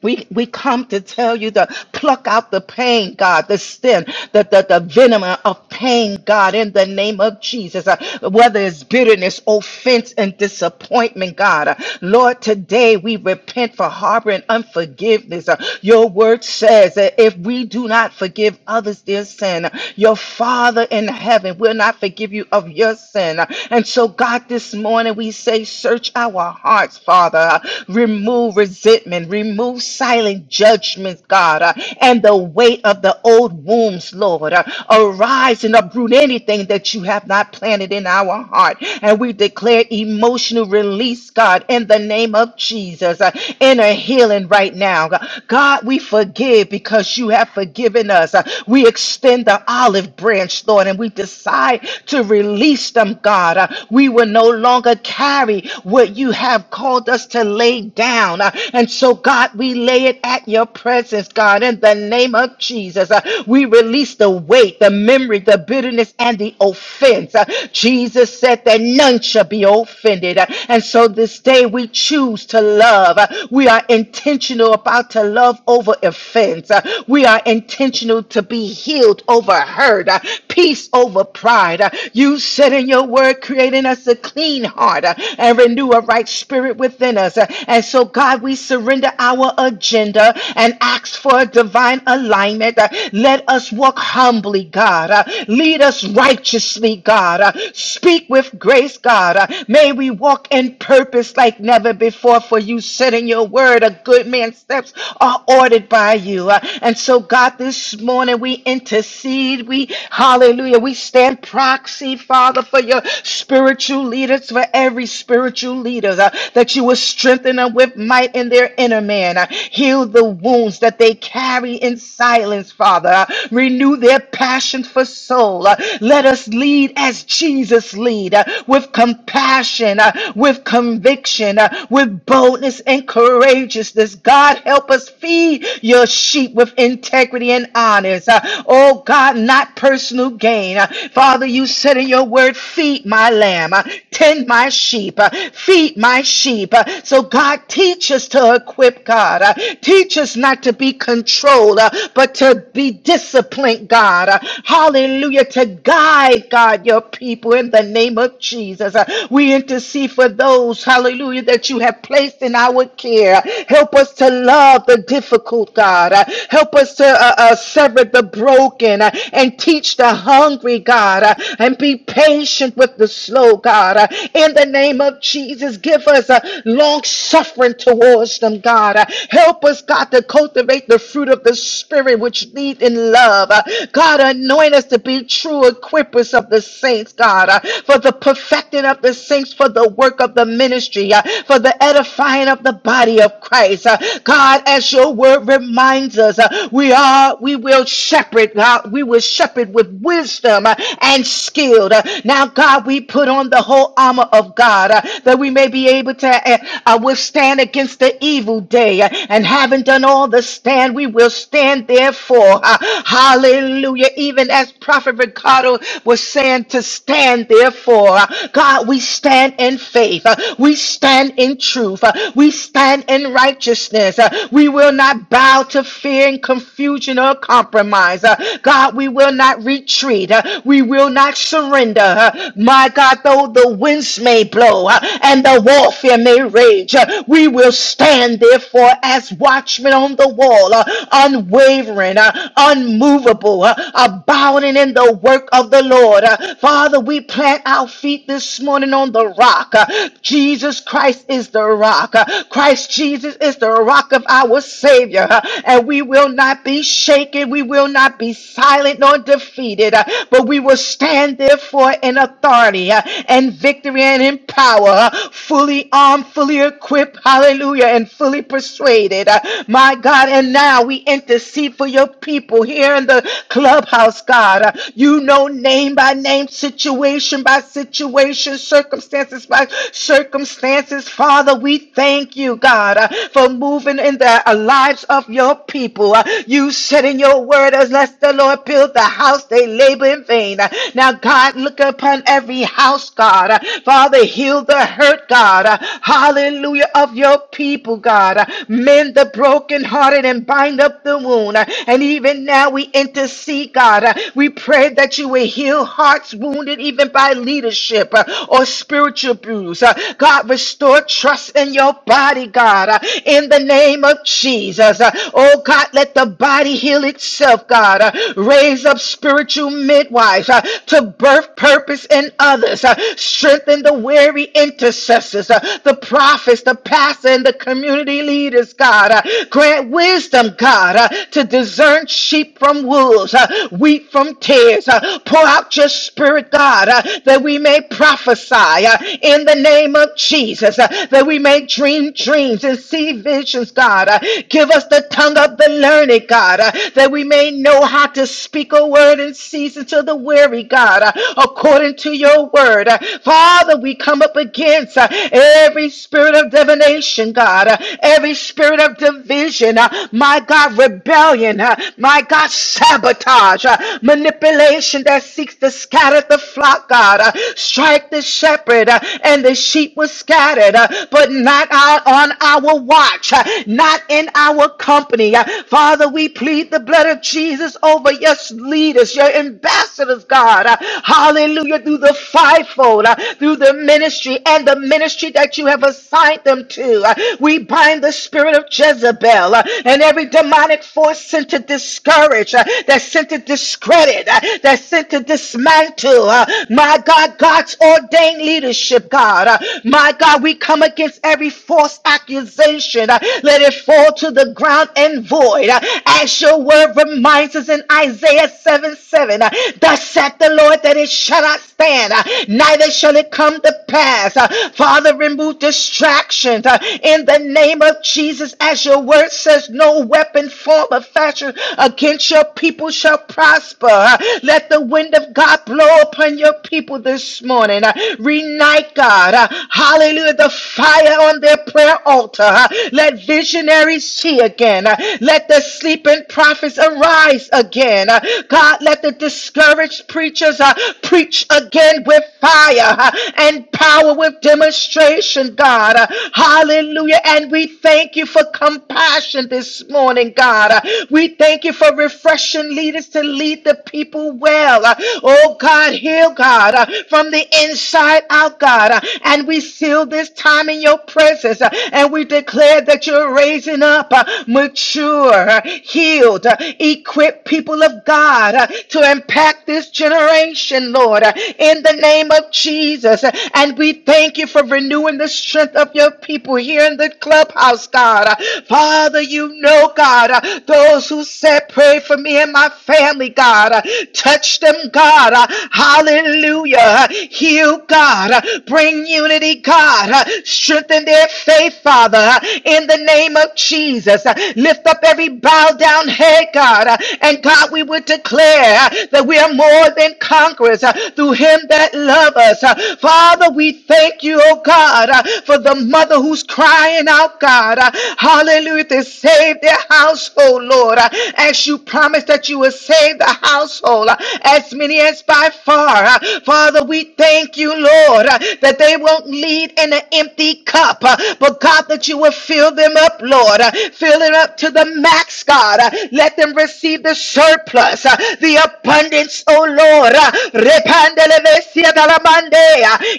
S1: we, we come to tell you to pluck out the pain, God, the sin, the, the, the venom of pain, God, in the name of Jesus. Uh, whether it's bitterness, offense, and disappointment, God. Uh, Lord, today we repent for harboring unforgiveness. Uh, your word says that if we do not forgive others their sin, uh, your Father in heaven will not forgive you of your sin. Uh, and so, God, this morning we say, search our hearts, Father. Uh, remove resentment healing. Remove silent judgments, God, uh, and the weight of the old wounds, Lord. Uh, arise and uproot anything that you have not planted in our heart. And we declare emotional release, God, in the name of Jesus. Uh, inner healing right now. God, we forgive because you have forgiven us. Uh, we extend the olive branch, Lord, and we decide to release them, God. Uh, we will no longer carry what you have called us to lay down. Uh, uh, And so, God, we lay it at your presence, God, in the name of Jesus. Uh, We release the weight, the memory, the bitterness, and the offense. Uh, Jesus said that none shall be offended. Uh, And so, this day we choose to love. Uh, We are intentional about to love over offense. Uh, We are intentional to be healed over hurt, Uh, peace over pride. Uh, You said in your word, creating us a clean heart uh, and renew a right spirit within us. Uh, And and so, God, we surrender our agenda and ask for a divine alignment. Uh, Let us walk humbly, God. Uh, Lead us righteously, God. Uh, Speak with grace, God. Uh, May we walk in purpose like never before, for you said in your word, a good man's steps are ordered by you. Uh, And so, God, this morning we intercede. We, hallelujah, we stand proxy, Father, for your spiritual leaders, for every spiritual leader uh, that you will strengthen them with might in their inner man. Uh, Heal the wounds that they carry in silence, Father. Uh, Renew their passion for soul. Uh, Let us lead as Jesus lead, uh, with compassion, uh, with conviction, uh, with boldness and courageousness. God, help us feed your sheep with integrity and honest. Uh, Oh God, not personal gain. Uh, Father, you said in your word, feed my lamb, uh, tend my sheep, uh, feed my sheep sheep. Uh, So, God, teach us to equip, God. Uh, Teach us not to be controlled, uh, but to be disciplined, God. Uh, Hallelujah. To guide, God, your people in the name of Jesus. Uh, We intercede for those, hallelujah, that you have placed in our care. Help us to love the difficult, God. Uh, Help us to uh, uh, sever the broken uh, and teach the hungry, God, uh, and be patient with the slow, God. Uh, In the name of Jesus just give us a long suffering towards them, God. Uh, Help us, God, to cultivate the fruit of the Spirit which lead in love. Uh, God, anoint us to be true equippers of the saints, God, uh, for the perfecting of the saints, for the work of the ministry, uh, for the edifying of the body of Christ. Uh, God, as your word reminds us, uh, we are, we will shepherd, God. We will shepherd with wisdom uh, and skill. Uh, Now, God, we put on the whole armor of God. uh, God, uh, that we may be able to uh, uh, withstand against the evil day. Uh, and having done all the stand, we will stand therefore. Uh, hallelujah. Even as Prophet Ricardo was saying to stand therefore. Uh, God, we stand in faith. Uh, we stand in truth. Uh, we stand in righteousness. Uh, we will not bow to fear and confusion or compromise. Uh, God, we will not retreat. Uh, we will not surrender. Uh, my God, though the winds winds may blow uh, and the warfare may rage, uh, we will stand therefore as watchmen on the wall, uh, unwavering, uh, unmovable, uh, abounding in the work of the Lord. Uh, Father, we plant our feet this morning on the rock. Uh, Jesus Christ is the rock. Uh, Christ Jesus is the rock of our Savior, uh, and we will not be shaken. We will not be silent nor defeated, uh, but we will stand therefore in authority uh, and in victory and in power, uh, fully armed, fully equipped, hallelujah, and fully persuaded. uh, My God, and now we intercede for your people here in the clubhouse, God. Uh, You know name by name, situation by situation, circumstances by circumstances. Father, we thank you, God, uh, for moving in the uh, lives of your people. Uh, You said in your word, unless the Lord build the house, they labor in vain. Uh, Now, God, look upon every house house, God. Father, heal the hurt, God. Hallelujah, of your people, God. Mend the brokenhearted and bind up the wound. And even now we intercede, God. We pray that you will heal hearts wounded even by leadership uh, or spiritual bruise. Uh, God, restore trust in your body, God, uh, in the name of Jesus. Uh, Oh, God, let the body heal itself, God. Uh, Raise up spiritual midwives uh, to birth purpose pastors and others. Uh, strengthen the weary intercessors, uh, the prophets, the pastor, and the community leaders, God. Uh, grant wisdom, God, uh, to discern sheep from wolves, uh, wheat from tares. Uh, pour out your spirit, God, uh, that we may prophesy uh, in the name of Jesus, uh, that we may dream dreams and see visions, God. Uh, give us the tongue of the learned, God, uh, that we may know how to speak a word in season to the weary, God. Uh, according to your word. Uh, Father, we come up against uh, every spirit of divination, God, uh, every spirit of division, uh, my God, rebellion, uh, my God, sabotage, uh, manipulation that seeks to scatter the flock, God. Uh, Strike the shepherd, uh, and the sheep was scattered, uh, but not out on our watch, uh, not in our company. Uh, Father, we plead the blood of Jesus over your leaders, your ambassadors, God. God. Uh, Hallelujah. Through the fivefold, uh, through the ministry and the ministry that you have assigned them to. Uh, We bind the spirit of Jezebel uh, and every demonic force sent to discourage, uh, that's sent to discredit, uh, that's sent to dismantle. uh, My God, God's ordained leadership, God. Uh, My God, we come against every false accusation. Uh, Let it fall to the ground and void. Uh, As your word reminds us in Isaiah 7 7, uh, Thus saith the Lord that it shall not stand, uh, neither shall it come to pass. Uh, Father, remove distractions uh, in the name of Jesus, as your word says, no weapon formed or fashion against your people shall prosper. Uh, Let the wind of God blow upon your people this morning. Uh, Reunite, God. Uh, Hallelujah. The fire on their prayer altar. Uh, Let visionaries see again. Uh, Let the sleeping prophets arise again. Uh, God, let the the discouraged preachers uh, preach again with fire uh, and power with demonstration, God. Uh, hallelujah. And we thank you for compassion this morning, God. Uh, we thank you for refreshing leaders to lead the people well. Uh, oh, God, heal, God, uh, from the inside out, God. Uh, and we seal this time in your presence uh, and we declare that you're raising up uh, mature, uh, healed, uh, equipped people of God. God, uh, to impact this generation, Lord, uh, in the name of Jesus. Uh, And we thank you for renewing the strength of your people here in the clubhouse, God. Uh, Father, you know, God, uh, those who said, Pray for me and my family, God. Uh, Touch them, God. Uh, Hallelujah. Uh, Heal, God. Uh, Bring unity, God. Uh, Strengthen their faith, Father, uh, in the name of Jesus. Uh, Lift up every bowed down head, God. Uh, And God, that we would declare uh, that we are more than conquerors uh, through him that love us. Uh, Father, we thank you, oh God, uh, for the mother who's crying out, God. uh, Hallelujah, to save their household, Lord. uh, As you promised that you would save the household, uh, as many as by far. uh, Father, we thank you, Lord, uh, that they won't lead in an empty cup, uh, but God, that you will fill them up, Lord. uh, Fill it up to the max, God. uh, Let them receive the surplus, uh, the abundance, oh Lord. uh,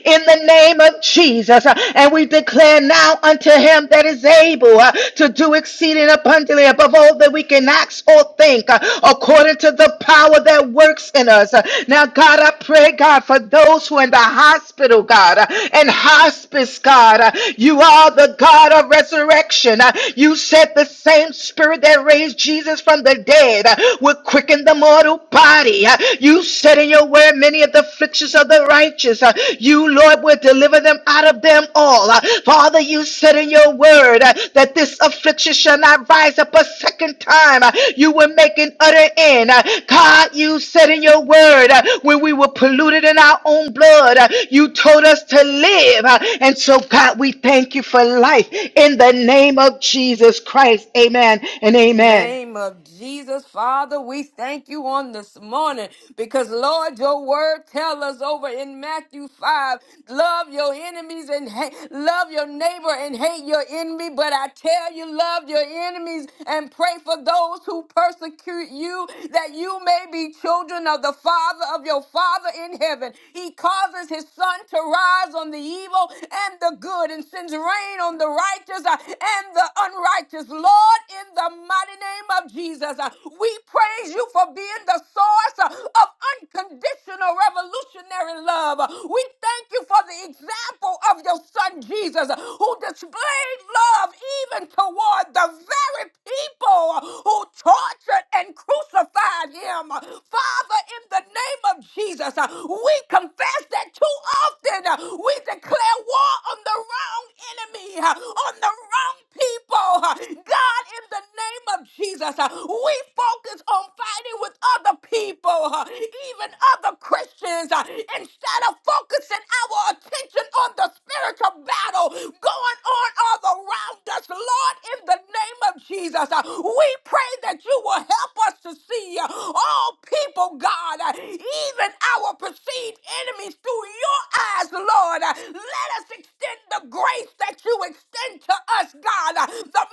S1: In the name of Jesus. uh, And we declare now unto him that is able uh, to do exceeding abundantly above all that we can ask or think, uh, according to the power that works in us. Uh, Now, God, I pray, God, for those who are in the hospital, God, uh, and hospice, God, uh, you are the God of resurrection. Uh, You said the same spirit that raised Jesus from the from the dead uh, will quicken the mortal body. Uh, You said in your word, many of the afflictions of the righteous, uh, you, Lord, will deliver them out of them all. Uh, Father, you said in your word uh, that this affliction shall not rise up a second time. Uh, You will make an utter end. Uh, God, you said in your word, uh, when we were polluted in our own blood, uh, you told us to live. Uh, And so, God, we thank you for life in the name of Jesus Christ. Amen and amen.
S2: name of Jesus, Father, we thank you on this morning because Lord, your word tell us over in Matthew 5, love your enemies and hate, love your neighbor and hate your enemy. But I tell you, love your enemies and pray for those who persecute you that you may be children of the Father of your Father in heaven. He causes his son to rise on the evil and the good and sends rain on the righteous uh, and the unrighteous. Lord, in the mighty mighty name of Jesus. Uh, We praise you for being the source uh, of unconditional revolutionary love. Uh, We thank you for the example of your son Jesus, uh, who displayed love even toward the very people uh, who tortured and crucified him. Uh, Father, in the name of Jesus, uh, we confess that too often uh, we declare war on the wrong enemy, uh, on the wrong people. uh, God, in the name name of Jesus, uh, we focus on fighting with other people, uh, even other Christians, uh, instead of focusing our attention on the spiritual battle going on all around us. Lord, in the name of Jesus, uh, we pray that you will help us to see uh, all people, God, uh, even our perceived enemies through your eyes, Lord. Uh, Let us extend the grace that you extend to us, God, uh, the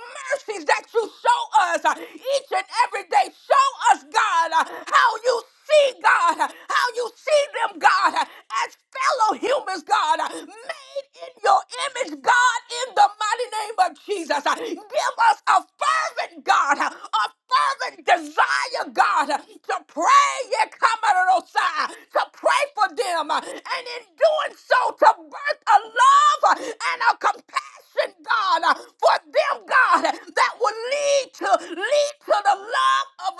S2: mercies that you show us uh, each and every day. Show us, God, uh, how you see, God, uh, how you see them, God, uh, as fellow humans, God, uh, made in your image, God, in the mighty name of Jesus. Uh, Give us a fervent, God, uh, a fervent desire, God, uh, to pray, yeah, come out of those side, to pray for them, uh, and in doing so, to birth a love uh, and a compassion, God, uh, for them, God, that will lead to lead to the love of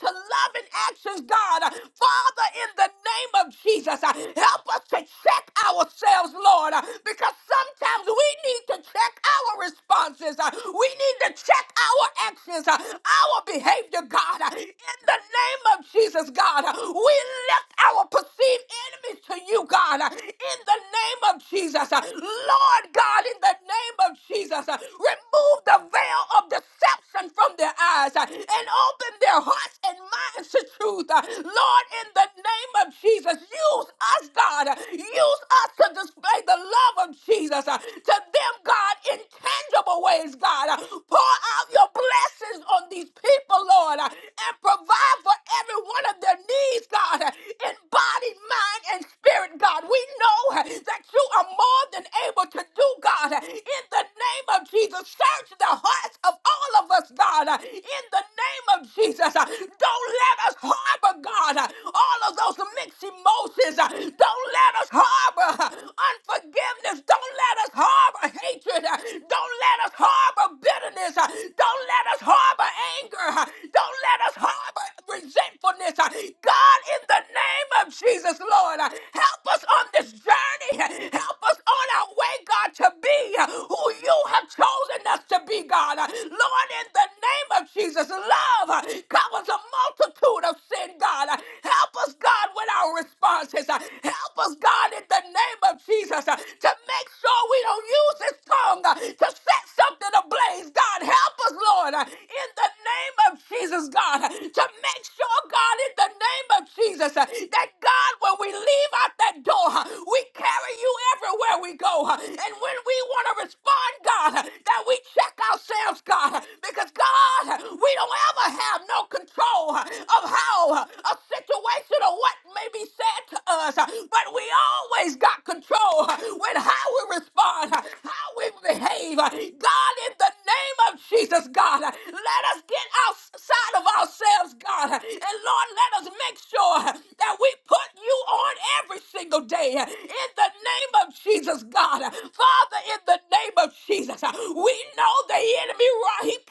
S2: to loving actions, God. Father, in the name of Jesus, uh, help us to check ourselves, Lord, uh, because sometimes we need to check our responses. uh, We need to check our actions, uh, our behavior, God. Uh, In the name of Jesus, God, uh, we lift our perceived enemies to you, God. Uh, In the name of Jesus, uh, Lord God, in the name of Jesus, uh, remove the veil of deception from their eyes uh, and open their hearts and minds to truth. uh. Lord, in the name of Jesus, use us, God. uh, Use us to display the love of Jesus uh, to them, God, in tangible ways, God. uh. Pour out your blessings on these people, Lord, uh, and provide for every one of their needs, God, uh, in body, mind, and spirit, God. We know uh, that you are more than able to do, God, uh, in the name of Jesus. Search the hearts of all of us, us, God, uh, in the name of Jesus. uh, Don't let us harbor, God, uh, all of those mixed emotions. uh, Don't let us harbor uh, unforgiveness. Don't let us harbor hatred. uh, Don't let us harbor bitterness. uh, Don't let us harbor anger. uh, Don't let us harbor resentfulness. uh, God, in the name of Jesus, Lord, uh, help us on this journey. uh, Help us on our way, God, to be uh, who you have chosen us to be, God. Uh, Lord, in the the name of Jesus. Love uh, covers a multitude of sin, God. Uh, Help us, God, with our responses. Uh, Help us, God, in the name of Jesus, uh, to make sure we don't use this tongue uh, to set something ablaze. God, help us, Lord, uh, in the name of Jesus, God, uh, to make sure, God, in the name of Jesus, uh, that God, when we leave out that door, uh, we carry you everywhere we go. uh, And when we want to respond, God, uh, that we check ourselves, God, uh, because of God, we don't ever have no control of how a situation or what may be said to us, but we always got control with how we respond, how we behave. God, in the name of Jesus, God, let us get outside of ourselves, God, and Lord, let us make sure that we put you on every single day in the name of Jesus, God. Father, in the name of Jesus, we know the enemy,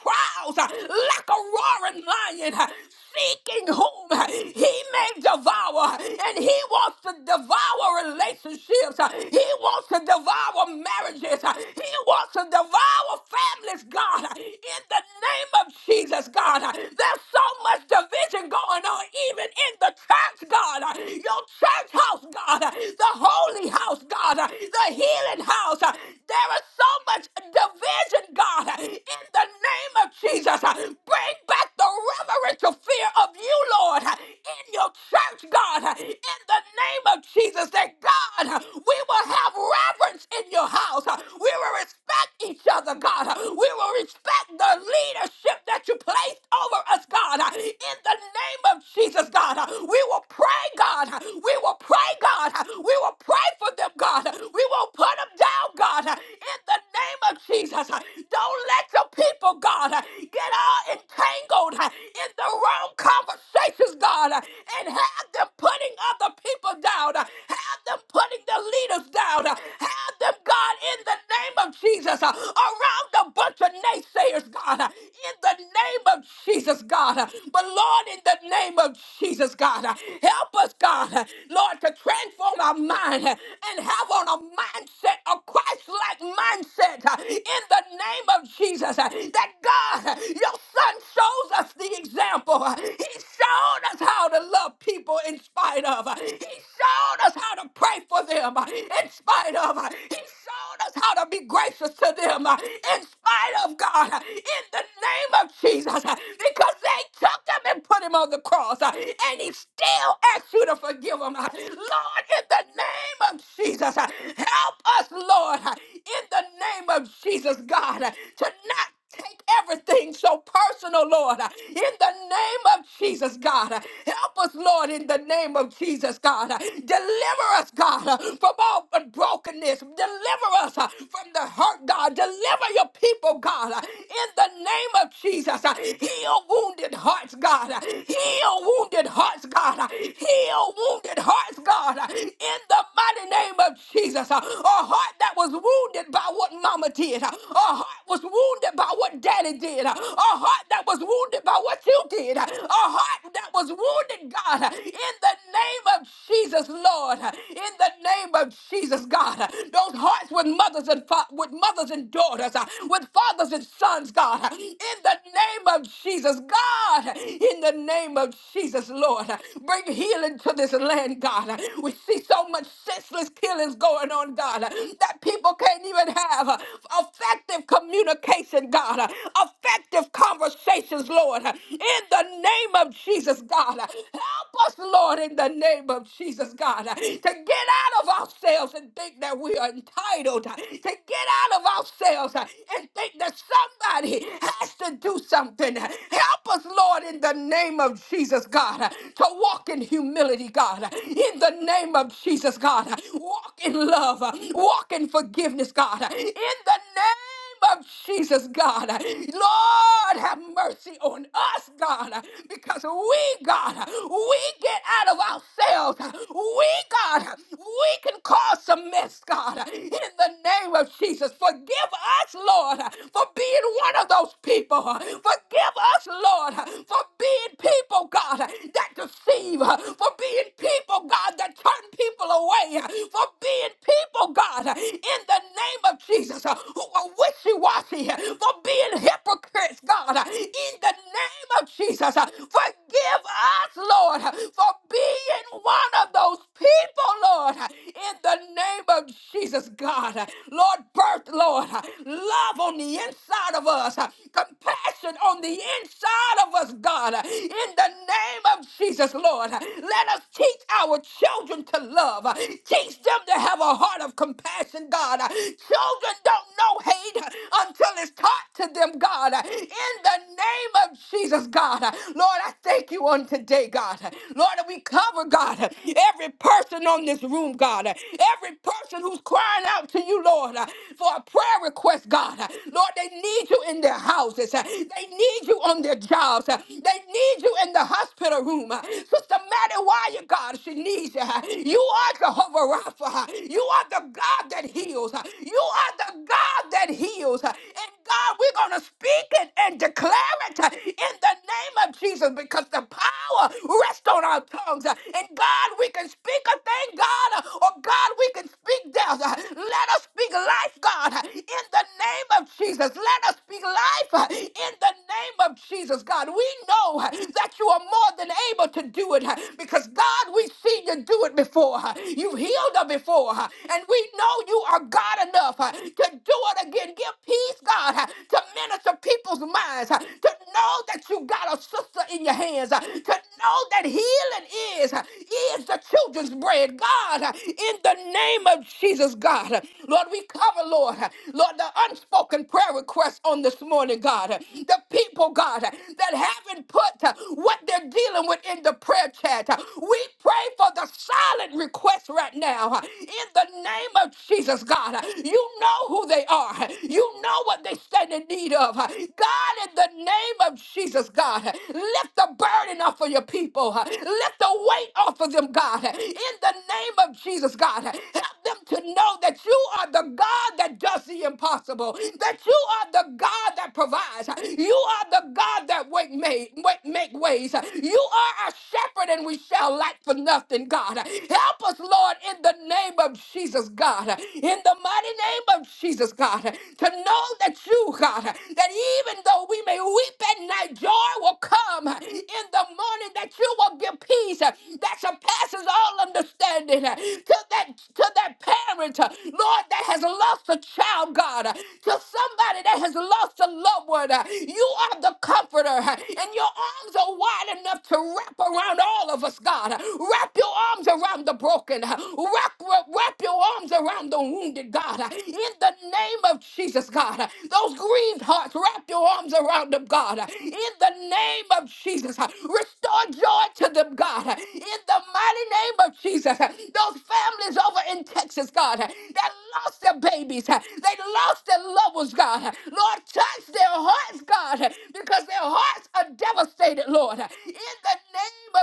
S2: right? prowls uh, like a roaring lion, uh, seeking whom uh, he may devour. And he wants to devour relationships. uh, He wants to devour marriages. uh, He wants to devour families, God. uh, In the name of Jesus, God. Uh, There's so much division going on, even in the church, God. Uh, Your church house, God. Uh, The holy house, God. Uh, The healing house. Uh, There is so much division, God. uh, In the name of of Jesus. Uh, Bring back the reverential fear of you, Lord, uh, in your church, God, uh, in the name of Jesus. That God, uh, we will have reverence in your house. Uh, We will respect each other, God. Uh, We will respect the leadership that you placed over us, God, uh, in the name of Jesus, God. Uh, We will pray, God. Uh, We will pray, God. Uh, We will pray for them, God. Uh, We will put them down, God, in the name of Jesus. Don't let your people, God, get all entangled in the wrong conversations, God, and have them putting other people down, have them putting the leaders down, have them, God, in the name of Jesus, around a bunch of naysayers, God, in the name of Jesus, God. But Lord, in the name of Jesus, God, help us, God, Lord, to transform our mind mind and have on a mindset, a Christ like mindset uh, in the name of Jesus. uh, That God, uh, your son shows us the example. uh, He showed us how to love people in spite of. uh, He showed us how to pray for them uh, in spite of. uh, He showed us how to be gracious to them uh, in spite of God uh, in the name of Jesus uh, because they took him and put him on the cross uh, and he still asks you to forgive him down. Lord, in the name of Jesus, help us, Lord, in the name of Jesus, God, to not take everything so personal, Lord, in the name of Jesus, God. Help us, Lord, in the name of Jesus, God. Deliver us, God, from all but brokenness. Deliver us from the hurt, God. Deliver your people, God, in the name of Jesus. Heal wounded hearts, God. Heal wounded hearts, God. Heal wounded wounded hearts, God, uh, in the mighty name of Jesus. uh, A heart that was wounded by what mama did. uh, A heart was wounded by what daddy did. uh, A heart that was wounded by what you did. uh, A heart that was wounded, God, uh, in the name of Jesus, Lord. uh, In the name of Jesus, God. uh, Those hearts with mothers and fa- with mothers and daughters, uh, with fathers and sons, God. uh, In the name of Jesus, God. In the name of Jesus, Lord. Lord. Bring healing to this land, God. We see so much senseless killings going on, God, that people can't even have uh, effective communication, God, uh, effective conversations, Lord. uh, In the name of Jesus, God, Uh, help us, Lord, in the name of Jesus, God, uh, to get out of ourselves and think that we are entitled, uh, to get out of ourselves uh, and think that somebody has to do something. Help us, Lord, in in the name of Jesus, God, to walk in humility, God, in the name of Jesus, God, walk in love, walk in forgiveness, God, in the name of Jesus, God. Lord, have mercy on us, God, because we, God, we get out of ourselves. We, God, we can cause some mess, God, in the name of Jesus. Forgive us, Lord, for being one of those people. Forgive Forgive us, Lord, for being people, God, that deceive, for being people, God, that turn people away, for being people, God, in the name of Jesus, who are wishy washy, for being hypocrites, God, in the name of Jesus. Forgive us, Lord, for being one of those people, Lord, in the name of Jesus, God. Lord, birth, Lord, love on the inside inside of us, uh, compassion on the inside of us, God, uh, in the name of Jesus, Lord. uh, Let us teach our children to love, uh, teach them to have a heart of compassion, God. uh, Children don't know hate uh, until it's taught to them, God, uh, in the name of Jesus, God. uh, Lord, I thank you on today, God. uh, Lord, that we cover, God, uh, every person on this room, God, uh, every person who's crying out to you, Lord, uh, for a prayer requests, God. Lord, they need you in their houses. They need you on their jobs. They need you in the hospital room. Sister Maddie, why you, God? She needs you. You are Jehovah Rapha. You are the God that heals. You are the God that heals. And God, we're going to speak it and declare it in the name of Jesus because the power rests on our tongues. And God, we can speak a thing, God, or God, we can speak death. Let us speak life, God, in the name of Jesus. Let us speak life uh, in the name of Jesus, God. We know uh, that you are more than able to do it uh, because, God, we've seen you do it before. uh, You've healed her before, uh, and we know you are God enough uh, to do it again. Give peace, God, uh, to minister people's minds, uh, to know that you got a sister in your hands, uh, to know that healing is, uh, is the children's bread. God, uh, in the name of Jesus, God, uh, Lord, we cover, Lord, uh, Lord, the unspoken prayer requests on this morning, God, uh, the people, God, uh, that haven't put uh, what they're dealing with in the prayer chat. Uh, We pray for the silent requests right now. uh, In the name of Jesus, God, Uh, you know who they are. huh? You know what they stand in stand in need of. God, in the name of Jesus, God, lift the burden off of your people. Lift the weight off of them, God. In the name of Jesus, God, help them to know that you are the God that does the impossible, that you are the God that provides. You are the God that make, make, make ways. You are our shepherd, and we shall lack for nothing, God. Help us, Lord, in the name of Jesus, God. In the mighty name of Jesus, God, to know that you, God. God, that even though we may weep at night, joy will come in the morning that you will give peace that surpasses all understanding to that to that parent, Lord, that has lost a child, God, to somebody that has lost a loved one. You are the comforter, and your arms are wide enough to wrap around all of us, God. Wrap your arms around the broken. Wrap, wrap wrap your arms around the wounded, God. In the name of Jesus, God, those grief grieved hearts. Wrap your arms around them, God. In the name of Jesus, restore joy to them, God. In the mighty name of Jesus, those families over in Texas, God, that lost their babies, they lost their loved ones, God. Lord, touch their hearts, God, because their hearts are devastated, Lord. In the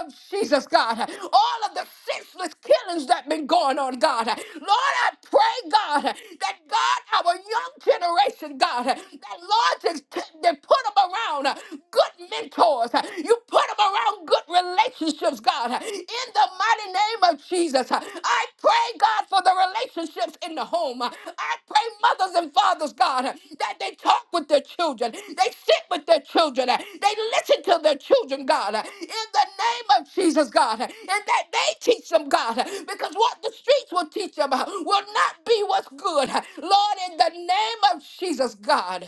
S2: name of Jesus, God, all of the senseless killings that been going on, God. Lord, I pray, God, that God, our young generation, God, that Lord just t- that put them around uh, good mentors. uh, You put them around good relationships, God. uh, In the mighty name of Jesus, uh, I pray, God, for the relationships in the home. uh, I pray, mothers and fathers, God, uh, that they talk with their children, they sit with their children, uh, they listen to their children, God. uh, In the name of Jesus, God, uh, and that they teach them, God, uh, because what the streets will teach them uh, will not be what's good. uh, Lord, in the name of Jesus, God.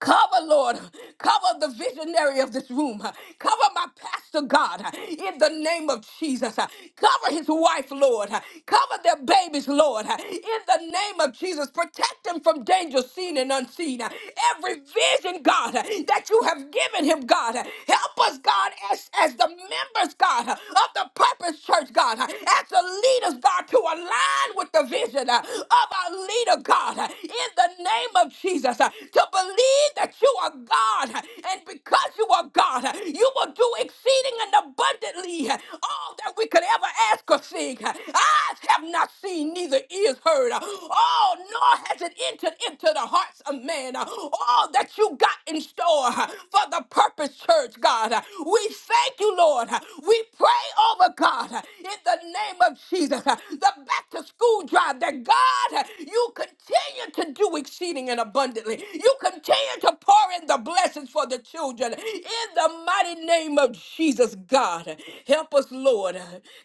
S2: Cover, Lord. Cover the visionary of this room. Cover my pastor, God, in the name of Jesus. Cover his wife, Lord. Cover their babies, Lord, in the name of Jesus. Protect them from danger seen and unseen. Every vision, God, that you have given him, God, help us, God, as, as the members, God, of the Purpose Church, God, as the leaders, God, to align with the vision of our leader, God, in the name of Jesus to believe that you are God. And because you are God, you will do exceeding and abundantly all that we could ever ask or think. Eyes have not seen, neither ears heard. Oh, nor has it entered into the hearts of man. All that you got in store for the purpose, church, God. We thank you, Lord. We pray over God in the name of Jesus. The back to school drive that God, you continue to do exceeding exceeding and abundantly. You continue to pour in the blessings for the children in the mighty name of Jesus, God. Help us, Lord.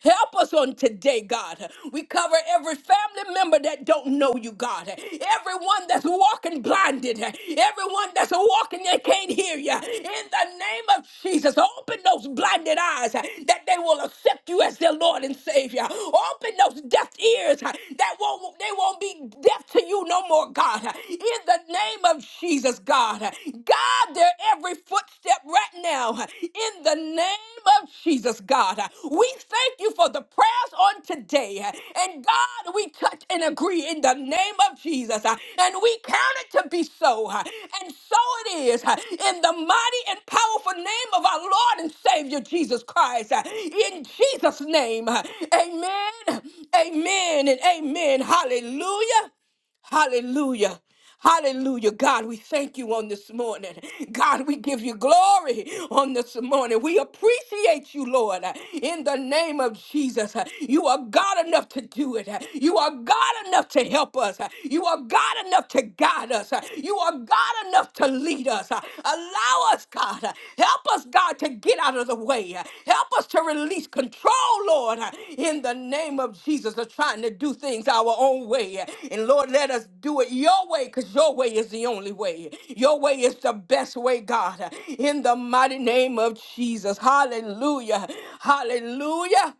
S2: Help us on today, God. We cover every family member that don't know you, God. Everyone that's walking blinded. Everyone that's walking that can't hear you. In the name of Jesus, open those blinded eyes that they will accept you as their Lord and Savior. Open those deaf ears that won't they won't be deaf to you no more Lord God, in the name of Jesus, God. God, their every footstep right now, in the name of Jesus, God. We thank you for the prayers on today. And God, we touch and agree in the name of Jesus. And we count it to be so. And so it is in the mighty and powerful name of our Lord and Savior Jesus Christ. In Jesus' name, amen, amen, and amen. Hallelujah. Hallelujah. Hallelujah. God, we thank you on this morning. God, we give you glory on this morning. We appreciate you, Lord, in the name of Jesus. You are God enough to do it. You are God enough to help us. You are God enough to guide us. You are God enough to lead us. Allow us, God. Help us, God, to get out of the way. Help us to release control, Lord, in the name of Jesus of trying to do things our own way. And Lord, let us do it your way because your way is the only way. Your way is the best way, God. In the mighty name of Jesus. Hallelujah. Hallelujah.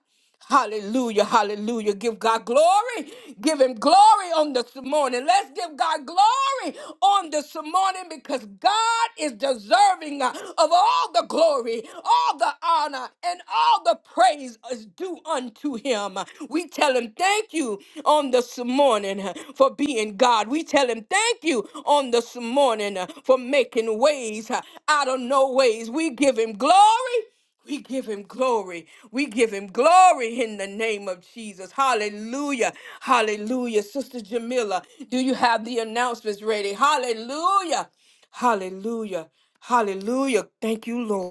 S2: Hallelujah, hallelujah. Give God glory. Give him glory on this morning. Let's give God glory on this morning because God is deserving uh, of all the glory, all the honor, and all the praise praise is due unto him. We tell him thank you on this morning uh, for being God. We tell him thank you on this morning uh, for making ways uh, out of no ways. We give him glory. We give him glory. We give him glory in the name of Jesus. Hallelujah. Hallelujah. Sister Jamila, do you have the announcements ready? Hallelujah. Hallelujah. Hallelujah. Thank you, Lord.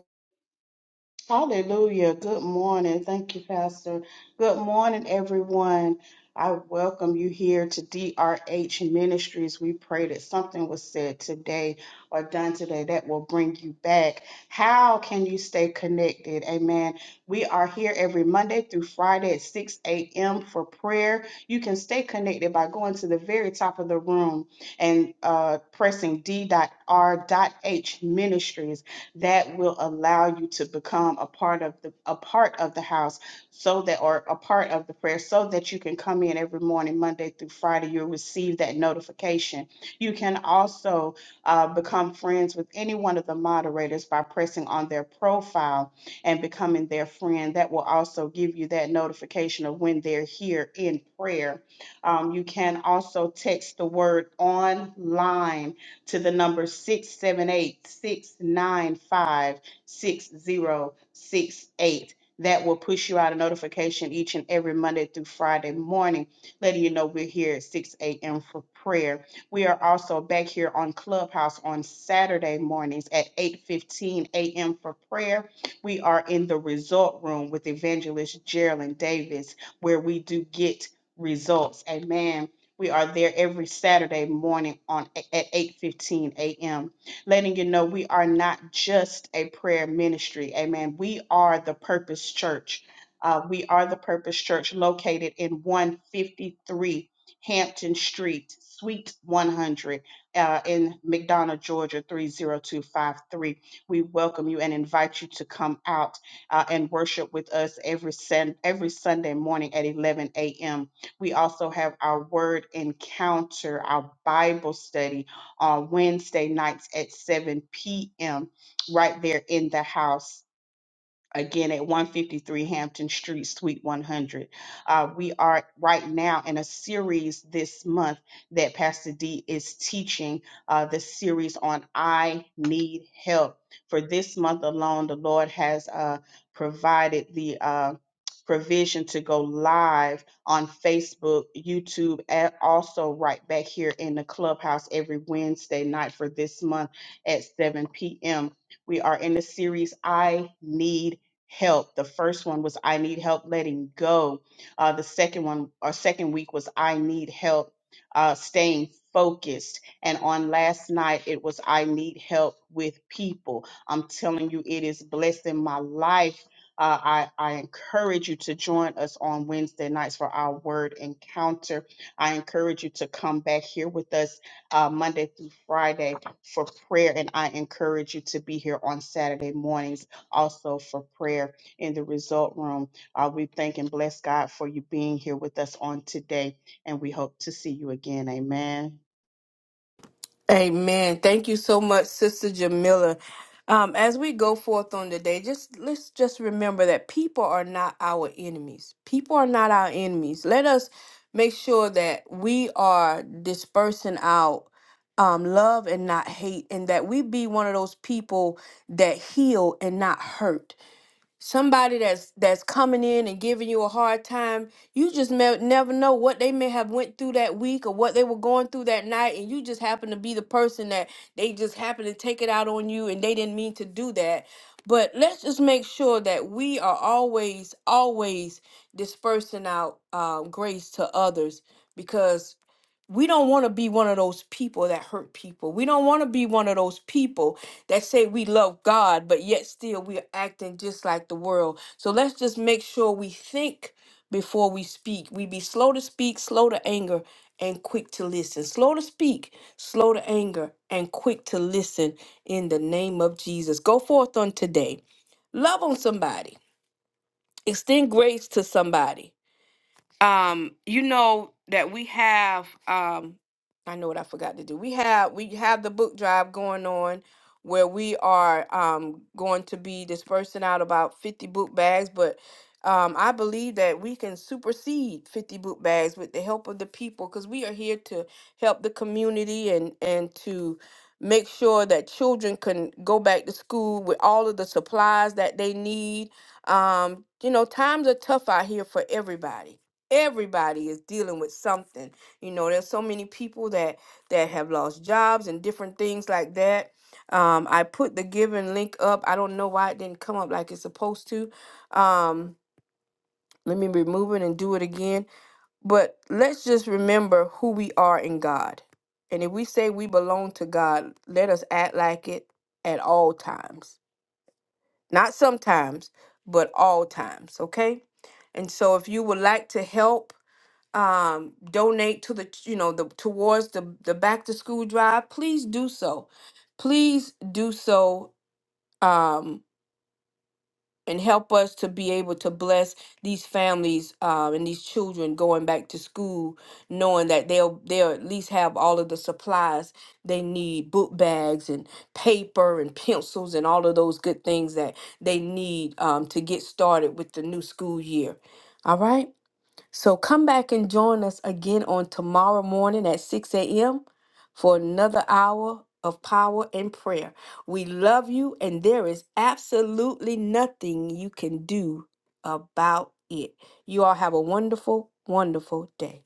S7: Hallelujah. Good morning. Thank you, Pastor. Good morning, everyone. I welcome you here to DRH Ministries. We pray that something was said today or done today that will bring you back. How can you stay connected? Amen. We are here every Monday through Friday at 6 a.m. for prayer. You can stay connected by going to the very top of the room and uh, pressing D.R.H Ministries that will allow you to become a part of the a part of the house so that or a part of the prayer so that you can come in every morning monday through friday you'll receive that notification you can also uh, become friends with any one of the moderators by pressing on their profile and becoming their friend that will also give you that notification of when they're here in prayer um, you can also text the word online to the number 678 695 6068, That will push you out a notification each and every Monday through Friday morning, letting you know we're here at 6 a.m. for prayer. We are also back here on Clubhouse on Saturday mornings at 8:15 a.m. for prayer. We are in the result room with evangelist Geraldine Davis, where we do get results. Amen we are there every Saturday morning on at 8:15 a.m. letting you know we are not just a prayer ministry. Amen. We are the Purpose Church. Uh, we are the Purpose Church located in 153 Hampton Street, Suite 100, uh, in McDonough, Georgia 30253. We welcome you and invite you to come out uh, and worship with us every Sun every Sunday morning at 11 a.m. We also have our word encounter, our Bible study on Wednesday nights at 7 p.m. right there in the house again at 153 Hampton Street, Suite 100. Uh, we are right now in a series this month that Pastor D is teaching uh, the series on I Need Help. For this month alone, the Lord has uh, provided the uh, provision to go live on Facebook, YouTube, and also right back here in the clubhouse every Wednesday night for this month at 7 p.m. We are in the series I Need help. The first one was I need help letting go. Uh, the second one, our second week was I need help uh, staying focused. And on last night, it was I need help with people. I'm telling you, it is blessing my life. Uh, I, I encourage you to join us on Wednesday nights for our word encounter. I encourage you to come back here with us uh, Monday through Friday for prayer. And I encourage you to be here on Saturday mornings also for prayer in the result room. Uh, we thank and bless God for you being here with us on today, and we hope to see you again. Amen.
S2: Amen. Thank you so much, Sister Jamila. Um, as we go forth on the day, just let's just remember that people are not our enemies. People are not our enemies. Let us make sure that we are dispersing out um, love and not hate, and that we be one of those people that heal and not hurt somebody that's that's coming in and giving you a hard time you just may, never know what they may have went through that week or what they were going through that night and you just happen to be the person that they just happen to take it out on you and they didn't mean to do that but let's just make sure that we are always always dispersing out uh, grace to others we don't want to be one of those people that hurt people. We don't want to be one of those people that say we love God, but yet still we're acting just like the world. So let's just make sure we think before we speak. We be slow to speak, slow to anger, and quick to listen. Slow to speak, slow to anger, and quick to listen in the name of Jesus. Go forth on today. Love on somebody, extend grace to somebody um you know that we have um i know what i forgot to do we have we have the book drive going on where we are um going to be dispersing out about 50 book bags but um i believe that we can supersede 50 book bags with the help of the people because we are here to help the community and and to make sure that children can go back to school with all of the supplies that they need um you know times are tough out here for everybody everybody is dealing with something you know there's so many people that that have lost jobs and different things like that um i put the giving link up i don't know why it didn't come up like it's supposed to um let me remove it and do it again but let's just remember who we are in god and if we say we belong to god let us act like it at all times not sometimes but all times okay and so if you would like to help um donate to the ch- you know the towards the the back to school drive please do so please do so um and help us to be able to bless these families um, and these children going back to school knowing that they'll they'll at least have all of the supplies they need book bags and paper and pencils and all of those good things that they need um, to get started with the new school year all right so come back and join us again on tomorrow morning at 6 a.m. for another hour of power and prayer. We love you, and there is absolutely nothing you can do about it. You all have a wonderful, wonderful day.